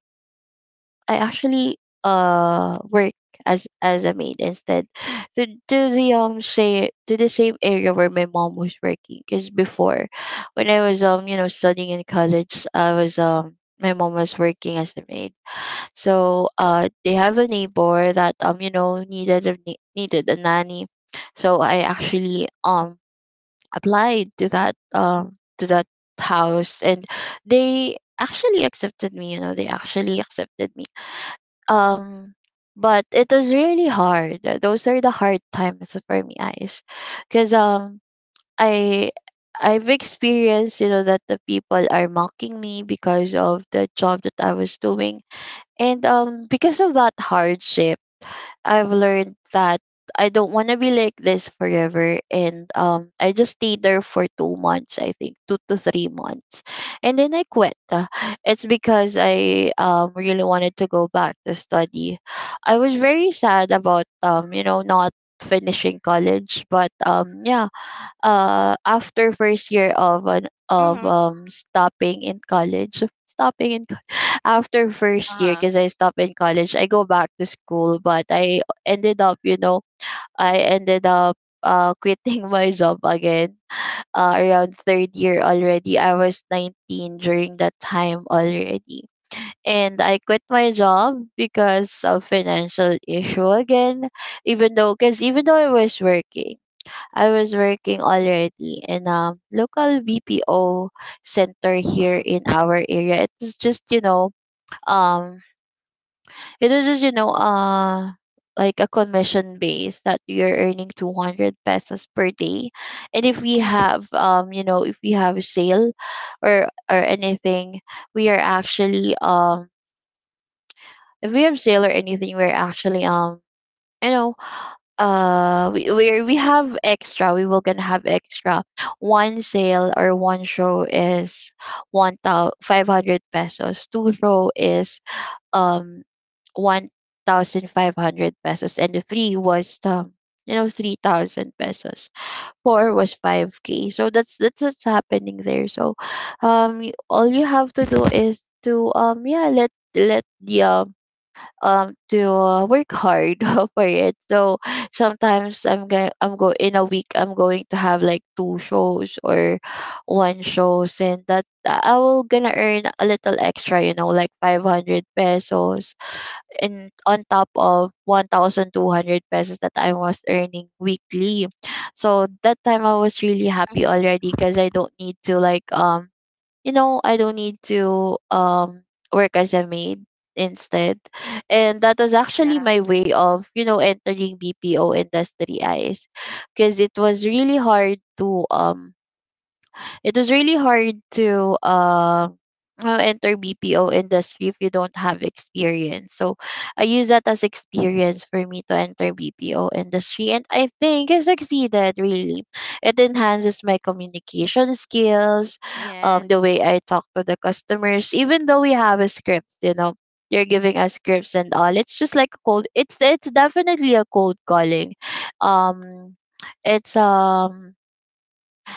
Speaker 2: I actually work as a maid instead, to the same area where my mom was working. Because before, when I was studying in college, I was my mom was working as a maid. So they have a neighbor that needed needed a nanny. So I actually applied to that house, and they actually accepted me. You know, they actually accepted me. Um, but it was really hard. Those are the hard times for me, guys, because I. I've experienced, you know, that the people are mocking me because of the job that I was doing, and because of that hardship, I've learned that I don't want to be like this forever. And I just stayed there for 2 months, I think, 2 to 3 months, and then I quit. It's because I really wanted to go back to study. I was very sad about not finishing college, but yeah, after first year of an of
Speaker 1: Mm-hmm.
Speaker 2: stopping in college, stopping in after first year,
Speaker 1: Uh-huh.
Speaker 2: because I stopped in college, I go back to school, but I ended up, you know, I ended up quitting my job again, around third year already. I was 19 during that time already. And I quit my job because of financial issue again. Because even though I was working already in a local BPO center here
Speaker 1: Mm-hmm.
Speaker 2: in our area. Um, it was just, you know, like a commission base that you're earning 200 pesos per day. And if we
Speaker 1: Mm-hmm.
Speaker 2: have you know, if we have a sale or anything, we are actually if we have sale or anything, we're actually you know we have extra. We will gonna have extra. One sale or one show is 1,500 pesos. Two show is um 1,500 pesos, and the three was 3,000 pesos. Four was 5K. So that's what's happening there. So all you have to do is to yeah, let let the to work hard for it. So sometimes I'm going I'm go in a week, I'm going to have like two shows or one shows, and that I will gonna earn a little extra, you know, like 500 pesos in on top of 1,200 pesos that I was earning weekly. So that time I was really happy
Speaker 1: Mm-hmm.
Speaker 2: already, because I don't need to work as a maid instead. And that was actually
Speaker 1: Yeah.
Speaker 2: my way of, you know, entering BPO industry eyes, because it was really hard to enter BPO industry if you don't have experience. So I use that as experience for me to enter BPO industry, and I think I succeeded. Really, it enhances my communication skills, the
Speaker 1: Yes.
Speaker 2: way I talk to the customers, even though we have a script, you know. They're giving us scripts and all. It's just like a cold. It's definitely a cold calling. Um, it's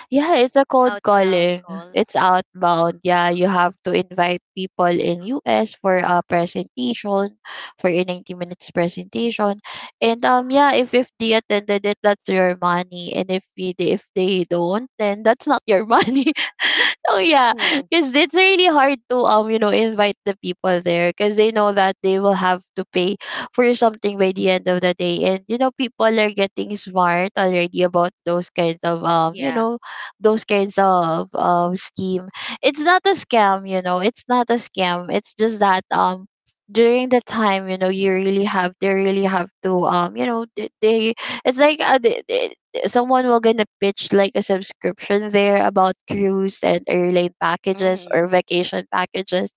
Speaker 2: Yeah, it's a cold
Speaker 1: Outbound
Speaker 2: calling.
Speaker 1: call.
Speaker 2: It's outbound. Yeah, you have to invite people in US for a presentation, for a 90 minutes presentation. And yeah, if they attended it, that's your money. And if they don't, then that's not your money. So yeah,
Speaker 1: Mm-hmm.
Speaker 2: because it's really hard to invite the people there, because they know that they will have to pay for something by the end of the day. And you know, people are getting smart already about
Speaker 1: Yeah.
Speaker 2: those kinds of scheme. It's not a scam, you know. It's not a scam. It's just that during the time, you know, you really have they really have to you know they it's like they, someone will gonna pitch like a subscription there about cruise and airline packages
Speaker 1: Mm-hmm.
Speaker 2: or vacation packages,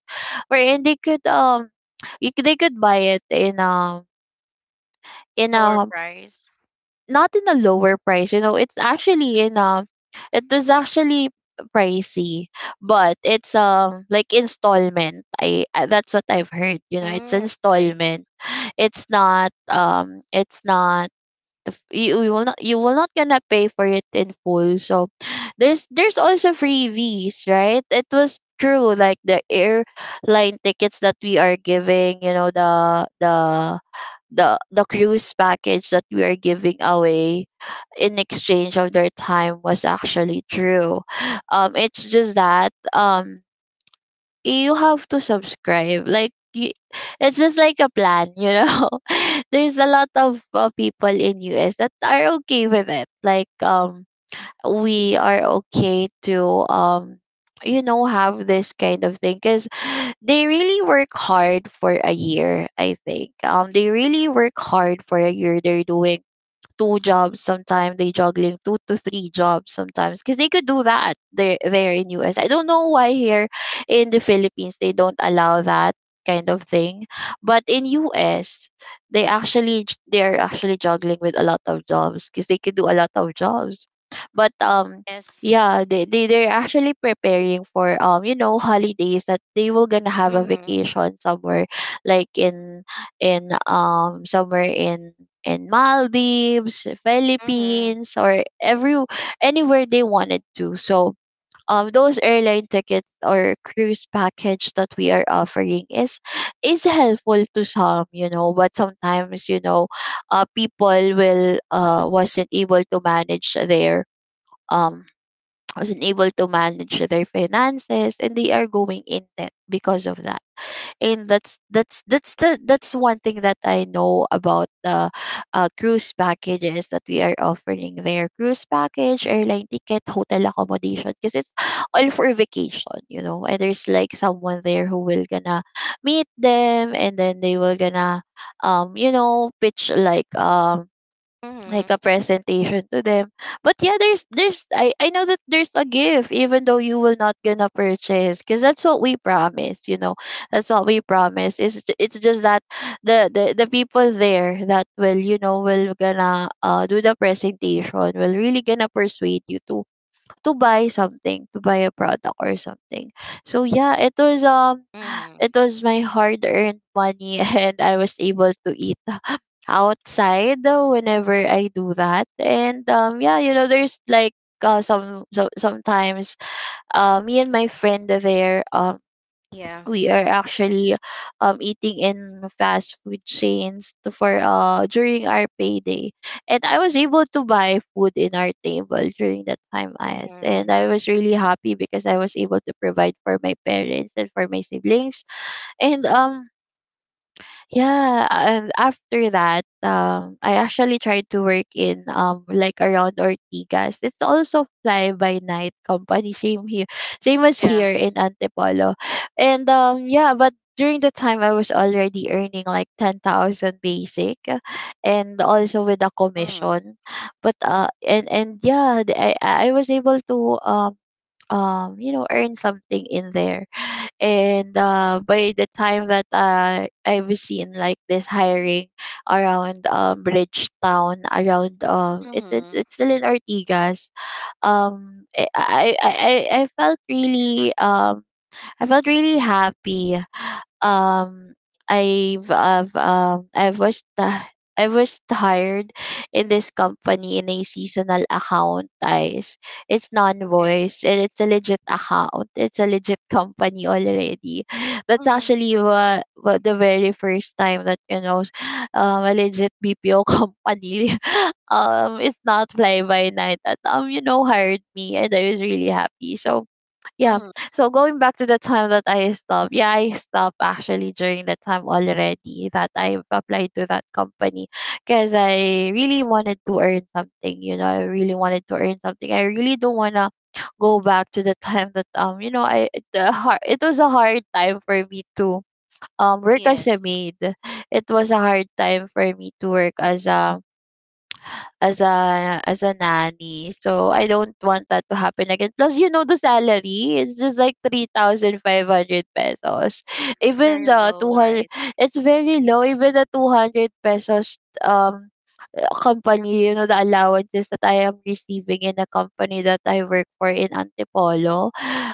Speaker 2: wherein they could buy it in
Speaker 1: Lower
Speaker 2: a
Speaker 1: price.
Speaker 2: not in a lower price, you know. It was actually pricey, but it's like installment. I that's what I've heard, you know. It's
Speaker 1: Mm, okay.
Speaker 2: installment. It's not the f- You will not gonna pay for it in full. So there's also freebies, right? It was true, like the airline tickets that we are giving, you know, the cruise package that we are giving away in exchange of their time was actually true. It's just that you have to subscribe. It's just like a plan, you know. There's a lot of people in US that are okay with it. We are okay to um have this kind of thing, because they really work hard for a year I think they really work hard for a year. They're doing two jobs sometimes. They juggling two to three jobs sometimes, because they could do that there in US. I don't know why here in the Philippines they don't allow that kind of thing. But in US, they're actually juggling with a lot of jobs, because they could do a lot of jobs, but
Speaker 1: Yes.
Speaker 2: yeah, they're actually preparing for holidays that they will gonna have a
Speaker 1: Mm-hmm.
Speaker 2: vacation somewhere, like in somewhere in Maldives,
Speaker 1: Mm-hmm.
Speaker 2: Philippines, or every anywhere they wanted to. So those airline tickets or cruise package that we are offering is helpful to some, you know, but sometimes, you know, people will wasn't able to manage their um wasn't able to manage their finances, and they are going in debt because of that. And that's one thing that I know about the cruise packages that we are offering there. Cruise package, airline ticket, hotel accommodation, because it's all for vacation, you know. And there's like someone there who will gonna meet them, and then they will gonna pitch
Speaker 1: Mm-hmm.
Speaker 2: like a presentation to them. But yeah, there's I know that there's a gift even though you will not gonna purchase, because that's what we promise, you know. That's what we promise. It's just that the people there that will, you know, will gonna do the presentation will really gonna persuade you to buy something, to buy a product or something. So yeah,
Speaker 1: Mm-hmm.
Speaker 2: it was my hard earned money and I was able to eat outside, whenever I do that. And yeah, you know, there's like sometimes me and my friend there
Speaker 1: Yeah.
Speaker 2: we are actually eating in fast food chains to- for during our payday, and I was able to buy food in our table during that time as
Speaker 1: Mm-hmm.
Speaker 2: and I was really happy because I was able to provide for my parents and for my siblings. and um yeah, and after that, I actually tried to work in like around Ortigas. It's also fly by night company, same here, same as
Speaker 1: Yeah.
Speaker 2: here in Antipolo. And yeah, but During the time I was already earning like 10,000 basic, and also with a
Speaker 1: Mm,
Speaker 2: commission. But and yeah, I was able to um earn something in there. And by the time that I've seen like this hiring around Bridgetown,
Speaker 1: mm-hmm.
Speaker 2: it's still in Ortigas. I felt really I felt really happy. um I've I've um I've was ti- I was hired in this company in a seasonal account, guys. It's
Speaker 1: Okay.
Speaker 2: non-voice and it's a legit account. It's a legit company already. That's
Speaker 1: Mm-hmm.
Speaker 2: actually what, the very first time that, you know, a legit BPO company it's not fly by night that, you know, hired me, and I was really happy. So yeah.
Speaker 1: Mm-hmm.
Speaker 2: So going back to the time that I stopped, yeah, I stopped actually during the time already that I applied to that company because I really wanted to earn something. You know, I really wanted to earn something. I really don't wanna go back to the time that, you know, it was a hard time for me to work
Speaker 1: Yes.
Speaker 2: as a maid. It was a hard time for me to work as a nanny. So I don't want that to happen again. Plus, you know, the salary, it's just like 3,500 pesos.
Speaker 1: It's
Speaker 2: Even
Speaker 1: very
Speaker 2: the
Speaker 1: low,
Speaker 2: 200,
Speaker 1: right?
Speaker 2: it's very low. Even the 200 pesos um company, you know, the allowances that I am receiving in the company that I work for in Antipolo,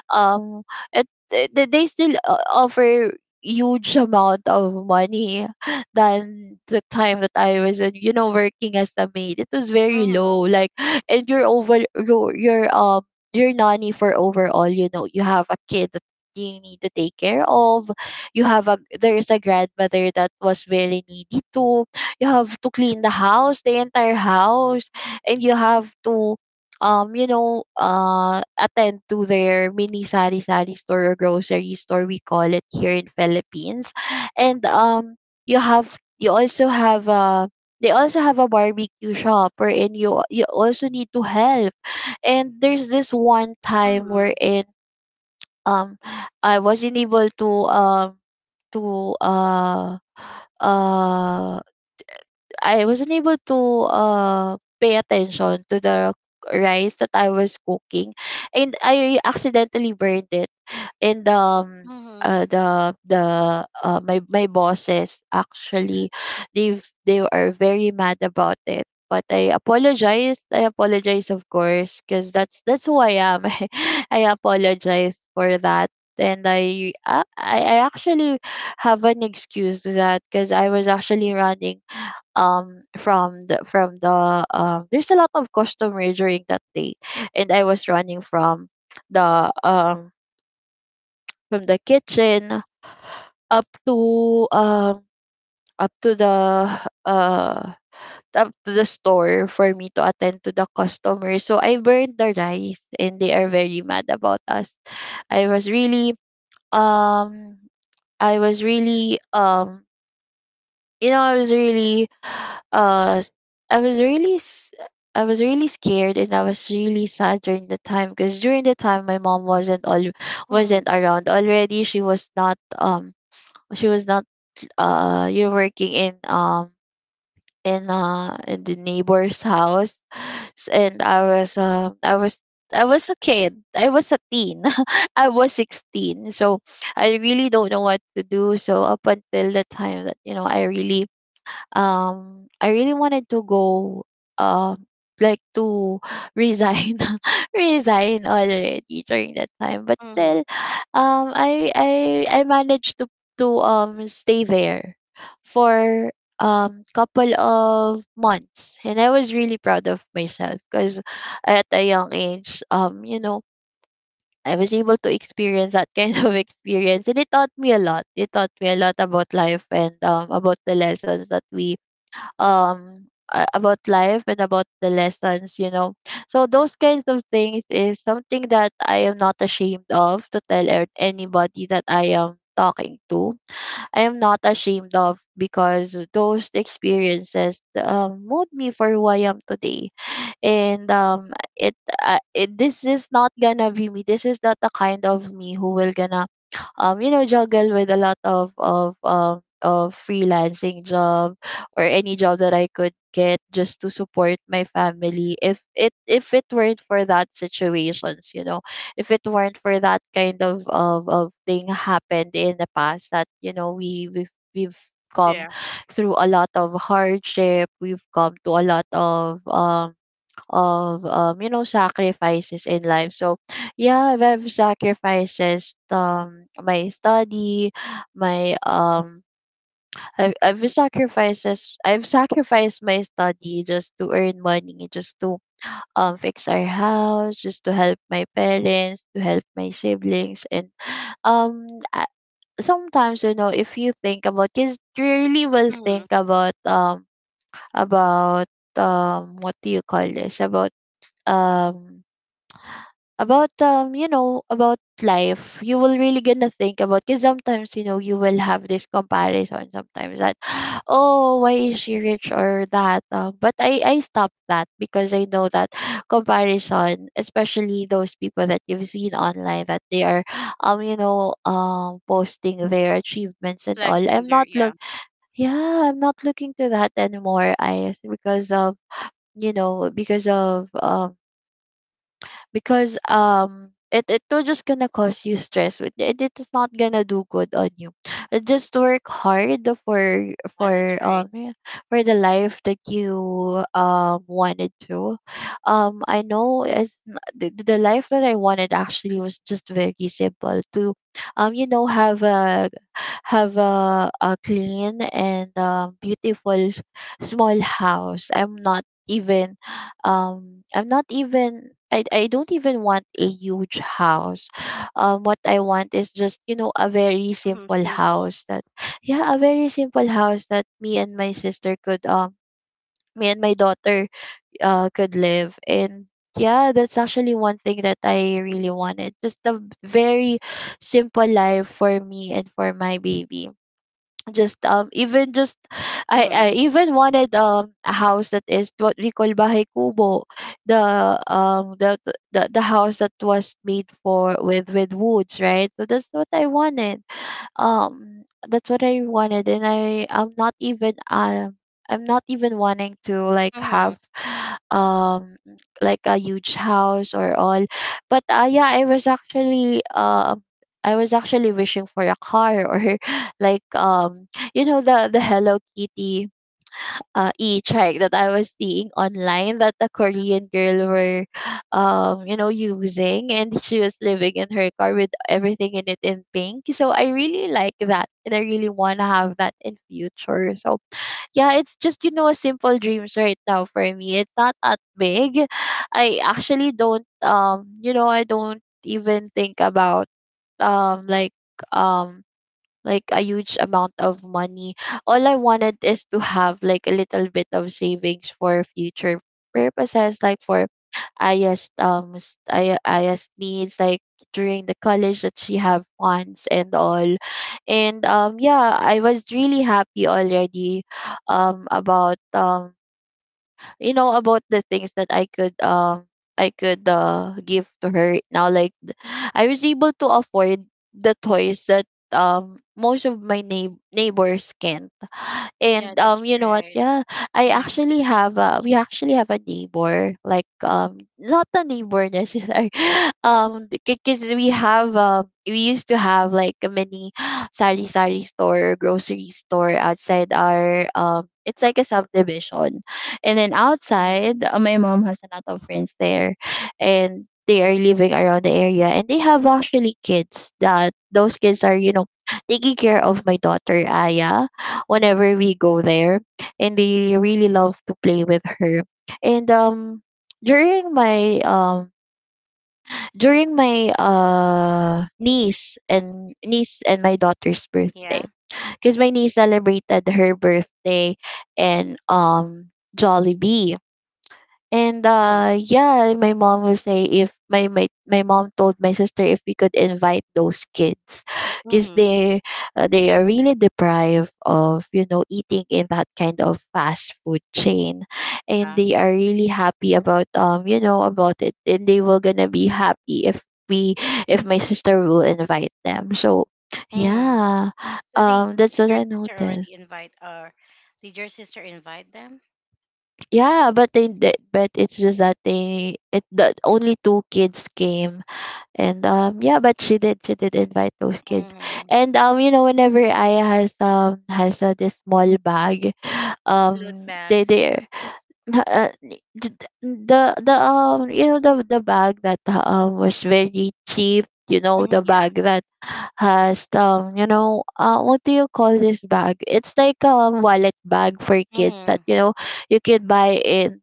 Speaker 2: um, it, it, they still offer huge amount of money than the time that I was, you know, working as a maid. It was very
Speaker 1: Mm-hmm.
Speaker 2: low, like, and you're over, um, your nanny for overall, you know, you have a kid that you need to take care of. You have a There is a grandmother that was very needy too. You have to clean the house, the entire house, and you have to you know, attend to their mini sari sari store, or grocery store we call it here in Philippines. And you have you also have a They also have a barbecue shop wherein you also need to help. And there's this one time
Speaker 1: Mm-hmm.
Speaker 2: wherein, um I wasn't able to to uh uh I wasn't able to pay attention to the rice that I was cooking, and I accidentally burned it. And
Speaker 1: Mm-hmm.
Speaker 2: the My my bosses actually, they are very mad about it, but I apologized. I apologize, of course, because that's who I am. I apologize for that, and I actually have an excuse to that because I was actually running from the there's a lot of customer during that day, and I was running the um from the kitchen up to up to the uh up to the store for me to attend to the customers, so I burned the rice and they are very mad about us. I was really um I was really You know, I was really, uh, s- I was really, s- I was really scared, and I was really sad during the time because during the time my mom wasn't all
Speaker 1: Mm-hmm.
Speaker 2: wasn't around already. She was not you're working in in the neighbor's house. And I was I was a kid. I was a teen. I was 16. So I really don't know what to do. So up until the time that, you know, I really wanted to go um like to resign, resign already during that time, but
Speaker 1: Mm-hmm.
Speaker 2: still, um I I I managed to stay there for couple of months, and I was really proud of myself because at a young age, you know, I was able to experience that kind of experience, and it taught me a lot. It taught me a lot about life, and, about life and about the lessons, you know. So those kinds of things is something that I am not ashamed of to tell anybody that I am talking to. I am not ashamed of because those experiences mold me for who I am today. And it, it This is not gonna be me. This is not the kind of me who will gonna you know, juggle with a lot of freelancing job, or any job that I could get just to support my family, if it weren't for that situations, you know, if it weren't for that kind of thing happened in the past that, you know, we've come
Speaker 1: Yeah.
Speaker 2: through a lot of hardship. We've come to a lot of you know, sacrifices in life. So yeah, I've sacrifices my study, my I've sacrifices I've sacrificed my study just to earn money, just to fix our house, just to help my parents, to help my siblings, and um I- sometimes, you know, if you think about kids, really will
Speaker 1: Mm-hmm.
Speaker 2: think about what do you call this um about you know, about life, you will really gonna think about, because sometimes, you know, you will have this comparison sometimes that, oh, why is she rich, or that, but I stop that because I know that, comparison, especially those people that you've seen online that they are you know, posting their achievements and
Speaker 1: Flexing
Speaker 2: all.
Speaker 1: there.
Speaker 2: I'm
Speaker 1: Yeah.
Speaker 2: not look Yeah, I'm not looking to that anymore, I, because of, you know, because of, because it, it will just gonna cause you stress. It is not gonna do good on you. Just work hard for
Speaker 1: Yeah, that's
Speaker 2: for
Speaker 1: right.
Speaker 2: yeah, for the life that you wanted to. I know it's the life that I wanted actually was just very simple, to you know, have a, a clean and, beautiful small house. I'm not even I'm not even, I don't even want a huge house. What I want is just, you know, a very
Speaker 1: Mm-hmm.
Speaker 2: simple
Speaker 1: Simple.
Speaker 2: house that, yeah, a very simple house that me and my sister could me and my daughter could live and, yeah, that's actually one thing that I really wanted, just a very simple life for me and for my baby. Just even just, I
Speaker 1: Mm-hmm.
Speaker 2: even wanted a house that is what we call bahay kubo, the um the the house that was made for with woods, right? So that's what I wanted. That's what I wanted, and I'm not even I'm not even wanting to like
Speaker 1: Mm-hmm.
Speaker 2: have um like a huge house or all. But yeah, I was actually wishing for a car, or like, you know, the Hello Kitty e-trike that I was seeing online, that a Korean girl were, you know, using, and she was living in her car with everything in it in pink. So I really like that, and I really wanna have that in future. So yeah, it's just, you know, simple dreams right now for me. It's not that big. I actually don't, you know, I don't even think about um like um like a huge amount of money. All I wanted is to have like a little bit of savings for future purposes, like for Aya's Aya's needs, like during the college that she have funds and all. And Yeah, I was really happy already about you know, about the things that I could give to her right now, like I was able to afford the toys that most of my neighbors can't.
Speaker 1: Yeah,
Speaker 2: And
Speaker 1: that's
Speaker 2: You know what?
Speaker 1: right.
Speaker 2: Yeah, I
Speaker 1: Mm-hmm.
Speaker 2: actually have a we actually have a neighbor like not a neighbor necessarily because we used to have like a mini sari sari store grocery store outside our it's like a subdivision. And then
Speaker 1: Mm-hmm.
Speaker 2: outside my mom has a lot of friends there, and they are living around the area, and they have actually kids that those kids are taking care of my daughter Aya whenever we go there, and they really love to play with her. And during my um during my niece and my daughter's birthday,
Speaker 1: Yeah.
Speaker 2: because my niece celebrated her birthday in Jollibee. And
Speaker 1: Mm-hmm.
Speaker 2: yeah, my mom will say if my my, my mom told my sister if we could invite those kids, because
Speaker 1: Mm-hmm.
Speaker 2: they are really deprived of, eating in that kind of fast food chain, and
Speaker 1: Yeah.
Speaker 2: they are really happy about it, and they will going to be happy if we if my sister will invite them. So,
Speaker 1: Mm-hmm.
Speaker 2: yeah.
Speaker 1: So the
Speaker 2: That's what
Speaker 1: your
Speaker 2: I
Speaker 1: sister
Speaker 2: noticed.
Speaker 1: already invite, or did your sister invite them?
Speaker 2: Yeah, but it's just that the only two kids came. And yeah, but she did invite those kids.
Speaker 1: Mm-hmm.
Speaker 2: And you know whenever Aya has has this small bag,
Speaker 1: Loot bags. Yeah.
Speaker 2: they uh, the the, you know the bag that was very cheap. You know the
Speaker 1: Mm-hmm. Yeah.
Speaker 2: bag that has what do you call this bag? It's like a wallet bag for kids that
Speaker 1: Mm-hmm.
Speaker 2: you know you could buy in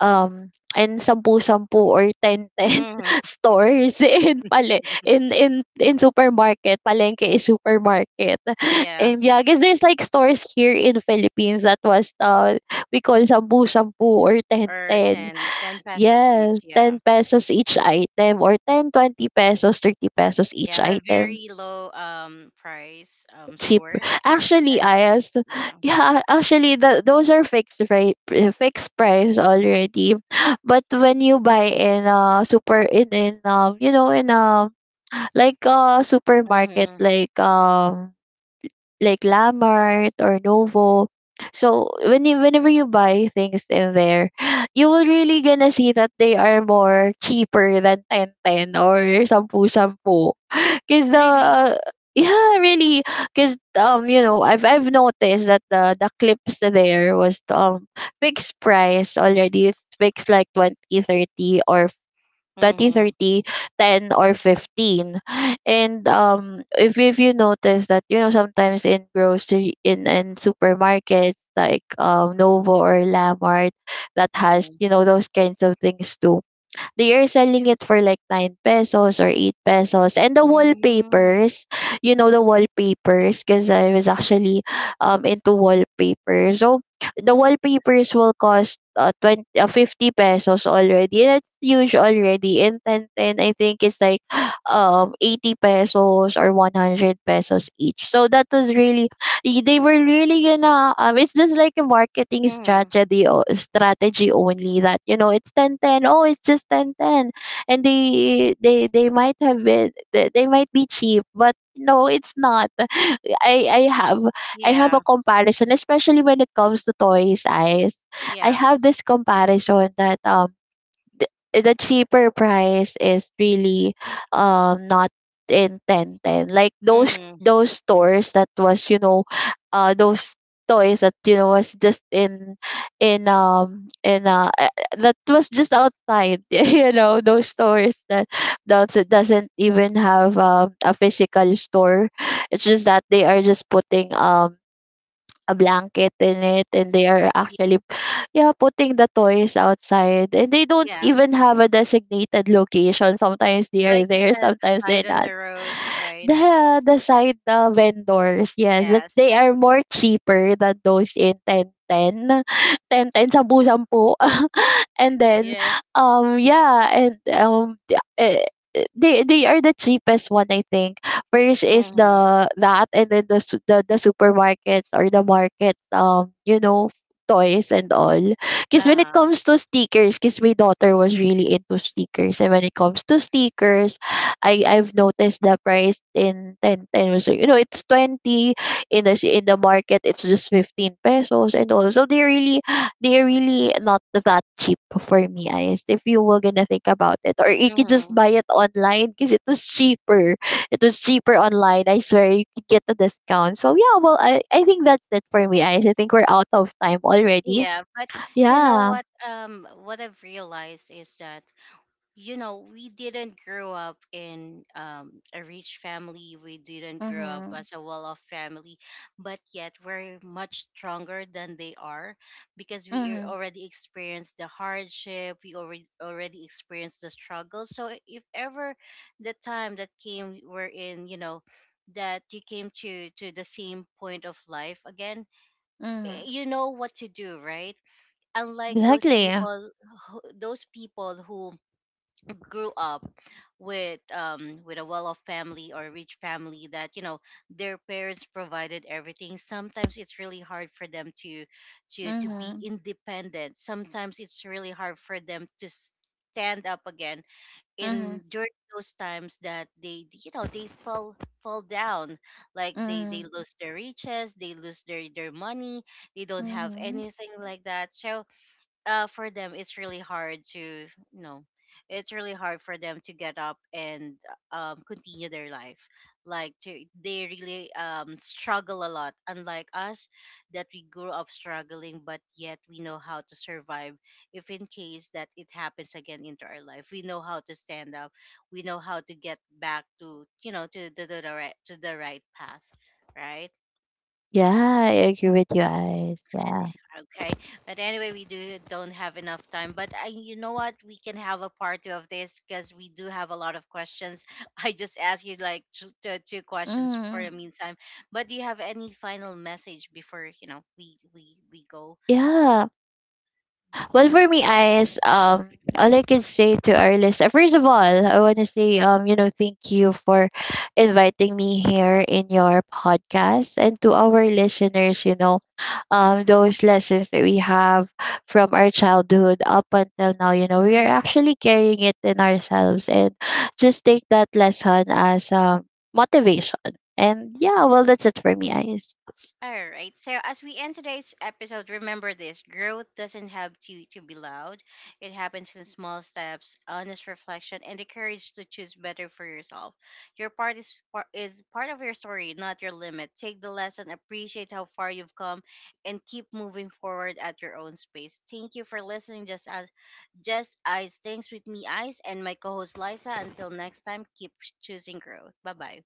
Speaker 2: and sampu-sampu or ten ten
Speaker 1: Mm-hmm.
Speaker 2: stores in pale in supermarket. Palengke is supermarket.
Speaker 1: Yeah.
Speaker 2: And yeah, I guess there's like stores here in Philippines that was, we call sampu-sampu or ten
Speaker 1: Or
Speaker 2: ten.
Speaker 1: ten ten 10 pesos
Speaker 2: Yes,
Speaker 1: each.
Speaker 2: ten
Speaker 1: Yeah.
Speaker 2: pesos each item, or 10, 20 pesos, 30 pesos each
Speaker 1: Yeah, a
Speaker 2: item.
Speaker 1: very low price
Speaker 2: Cheaper.
Speaker 1: stores.
Speaker 2: Actually,
Speaker 1: That's, yeah.
Speaker 2: yeah, actually, those are fixed rate, fixed price already. But when you buy in super in like supermarket
Speaker 1: Mm-hmm.
Speaker 2: like Lamart or Novo. So when whenever you buy things in there, you will really gonna see that they are more cheaper than Ten Ten or Sampu Sampu. Because
Speaker 1: Really?
Speaker 2: the yeah, really, because I've noticed that the clips there was fixed price already. It's fixed like 20, 30 or 20,
Speaker 1: Mm-hmm.
Speaker 2: 30, ten, or 15. And if you notice that, you know, sometimes in grocery in supermarkets like Novo or Lamart, that has,
Speaker 1: Mm-hmm.
Speaker 2: you know, those kinds of things too, they are selling it for like 9 pesos or 8 pesos. And the
Speaker 1: Mm-hmm.
Speaker 2: wallpapers, you know the wallpapers because I was actually into wallpaper. So the wallpapers will cost 20 50 pesos already. That's huge already. And 10, I think it's like 80 pesos or 100 pesos each. So that was really, they were really gonna, it's just like a marketing
Speaker 1: Mm-hmm.
Speaker 2: strategy only that, you know, it's 1010, oh, it's just 1010, and they they might be cheap, but no, it's not. i i have I have a
Speaker 1: Yeah.
Speaker 2: comparison, especially when it comes to toys, eyes. I
Speaker 1: Yeah.
Speaker 2: have this comparison that the cheaper price is really not in 10 ten, like
Speaker 1: Mm-hmm.
Speaker 2: those stores that was, you know, those toys that was just in that was just outside. You know those stores that doesn't even have, a physical store. It's just that they are just putting a blanket in it, and they are actually, yeah, putting the toys outside, and they don't
Speaker 1: Yeah.
Speaker 2: even have a designated location. Sometimes they are
Speaker 1: Like it
Speaker 2: there,
Speaker 1: says, the
Speaker 2: sometimes they're
Speaker 1: side on
Speaker 2: not.
Speaker 1: the road, right?
Speaker 2: The side vendors, yes, that
Speaker 1: Yes.
Speaker 2: they are more cheaper than those in ten ten. Ten ten sampu-sampu. And then
Speaker 1: Yes.
Speaker 2: yeah, and they are the cheapest one, I think. First is
Speaker 1: Mm-hmm.
Speaker 2: the that, and then the supermarkets or the markets, toys and all. Because when it
Speaker 1: Uh-huh.
Speaker 2: comes to stickers, because my daughter was really into stickers, and when it comes to stickers, I've noticed the price in ten ten 10 pesos. You know, it's 20, in the market it's just 15 pesos. And also they really, not that cheap for me, guys. If you were gonna think about it, or you could just
Speaker 1: Mm-hmm.
Speaker 2: buy it online, because it was cheaper. It was cheaper online, I swear. You could get a discount. So yeah, well, I think that's it for me, guys. I think we're out of time already.
Speaker 1: Yeah, but you know
Speaker 2: Yeah.
Speaker 1: what? What I've realized is that, you know, we didn't grow up in, a rich family. We didn't grow up
Speaker 2: Mhm.
Speaker 1: as a well off family, but yet we're much stronger than they are, because we
Speaker 2: Mhm.
Speaker 1: already experienced the hardship. We already experienced the struggle. So, if ever the time that came, we're in, you know, that you came to the same point of life again,
Speaker 2: Mhm.
Speaker 1: you know what to do, right? Unlike
Speaker 2: Exactly.
Speaker 1: those people who grew up with, with a well-off family or rich family, that, you know, their parents provided everything. Sometimes it's really hard for them to be
Speaker 2: Mhm.
Speaker 1: independent. Sometimes it's really hard for them to stand up again,
Speaker 2: Mhm.
Speaker 1: in during those times that they, you know, they fall, down, like they
Speaker 2: Mhm.
Speaker 1: lose their riches, they lose their money, they don't have
Speaker 2: Mm-hmm.
Speaker 1: anything like that. So, for them it's really hard to, you know, it's really hard for them to get up and, continue their life, like to they really, struggle a lot, unlike us, that we grew up struggling, but yet we know how to survive. If in case that it happens again into our life, we know how to stand up. We know how to get back, to, you know, to the right, to the right path, right?
Speaker 2: Yeah, I agree with you guys.
Speaker 1: And
Speaker 2: Yeah.
Speaker 1: okay, but anyway, we do don't have enough time. But I, you know what? We can have a part two of this because we do have a lot of questions. I just asked you like two questions for the
Speaker 2: Mm.
Speaker 1: meantime. But do you have any final message before, you know, we go?
Speaker 2: Yeah. Well, for me, eyes, all I can say to our listener, first of all, I want to say, thank you for inviting me here in your podcast, and to our listeners, you know, those lessons that we have from our childhood up until now, you know, we are
Speaker 1: Mm-hmm.
Speaker 2: actually carrying it in ourselves, and just take that lesson as motivation. And yeah, well, that's it for me, eyes.
Speaker 1: All right. So as we end today's episode, remember this: growth doesn't have to be loud. It happens in small steps, honest reflection, and the courage to choose better for yourself. Your part is is part of your story, not your limit. Take the lesson, appreciate how far you've come, and keep moving forward at your own space. Thank you for listening. Just eyes. Thanks with me, eyes, and my co-host Liza. Until next time, keep choosing growth. Bye bye.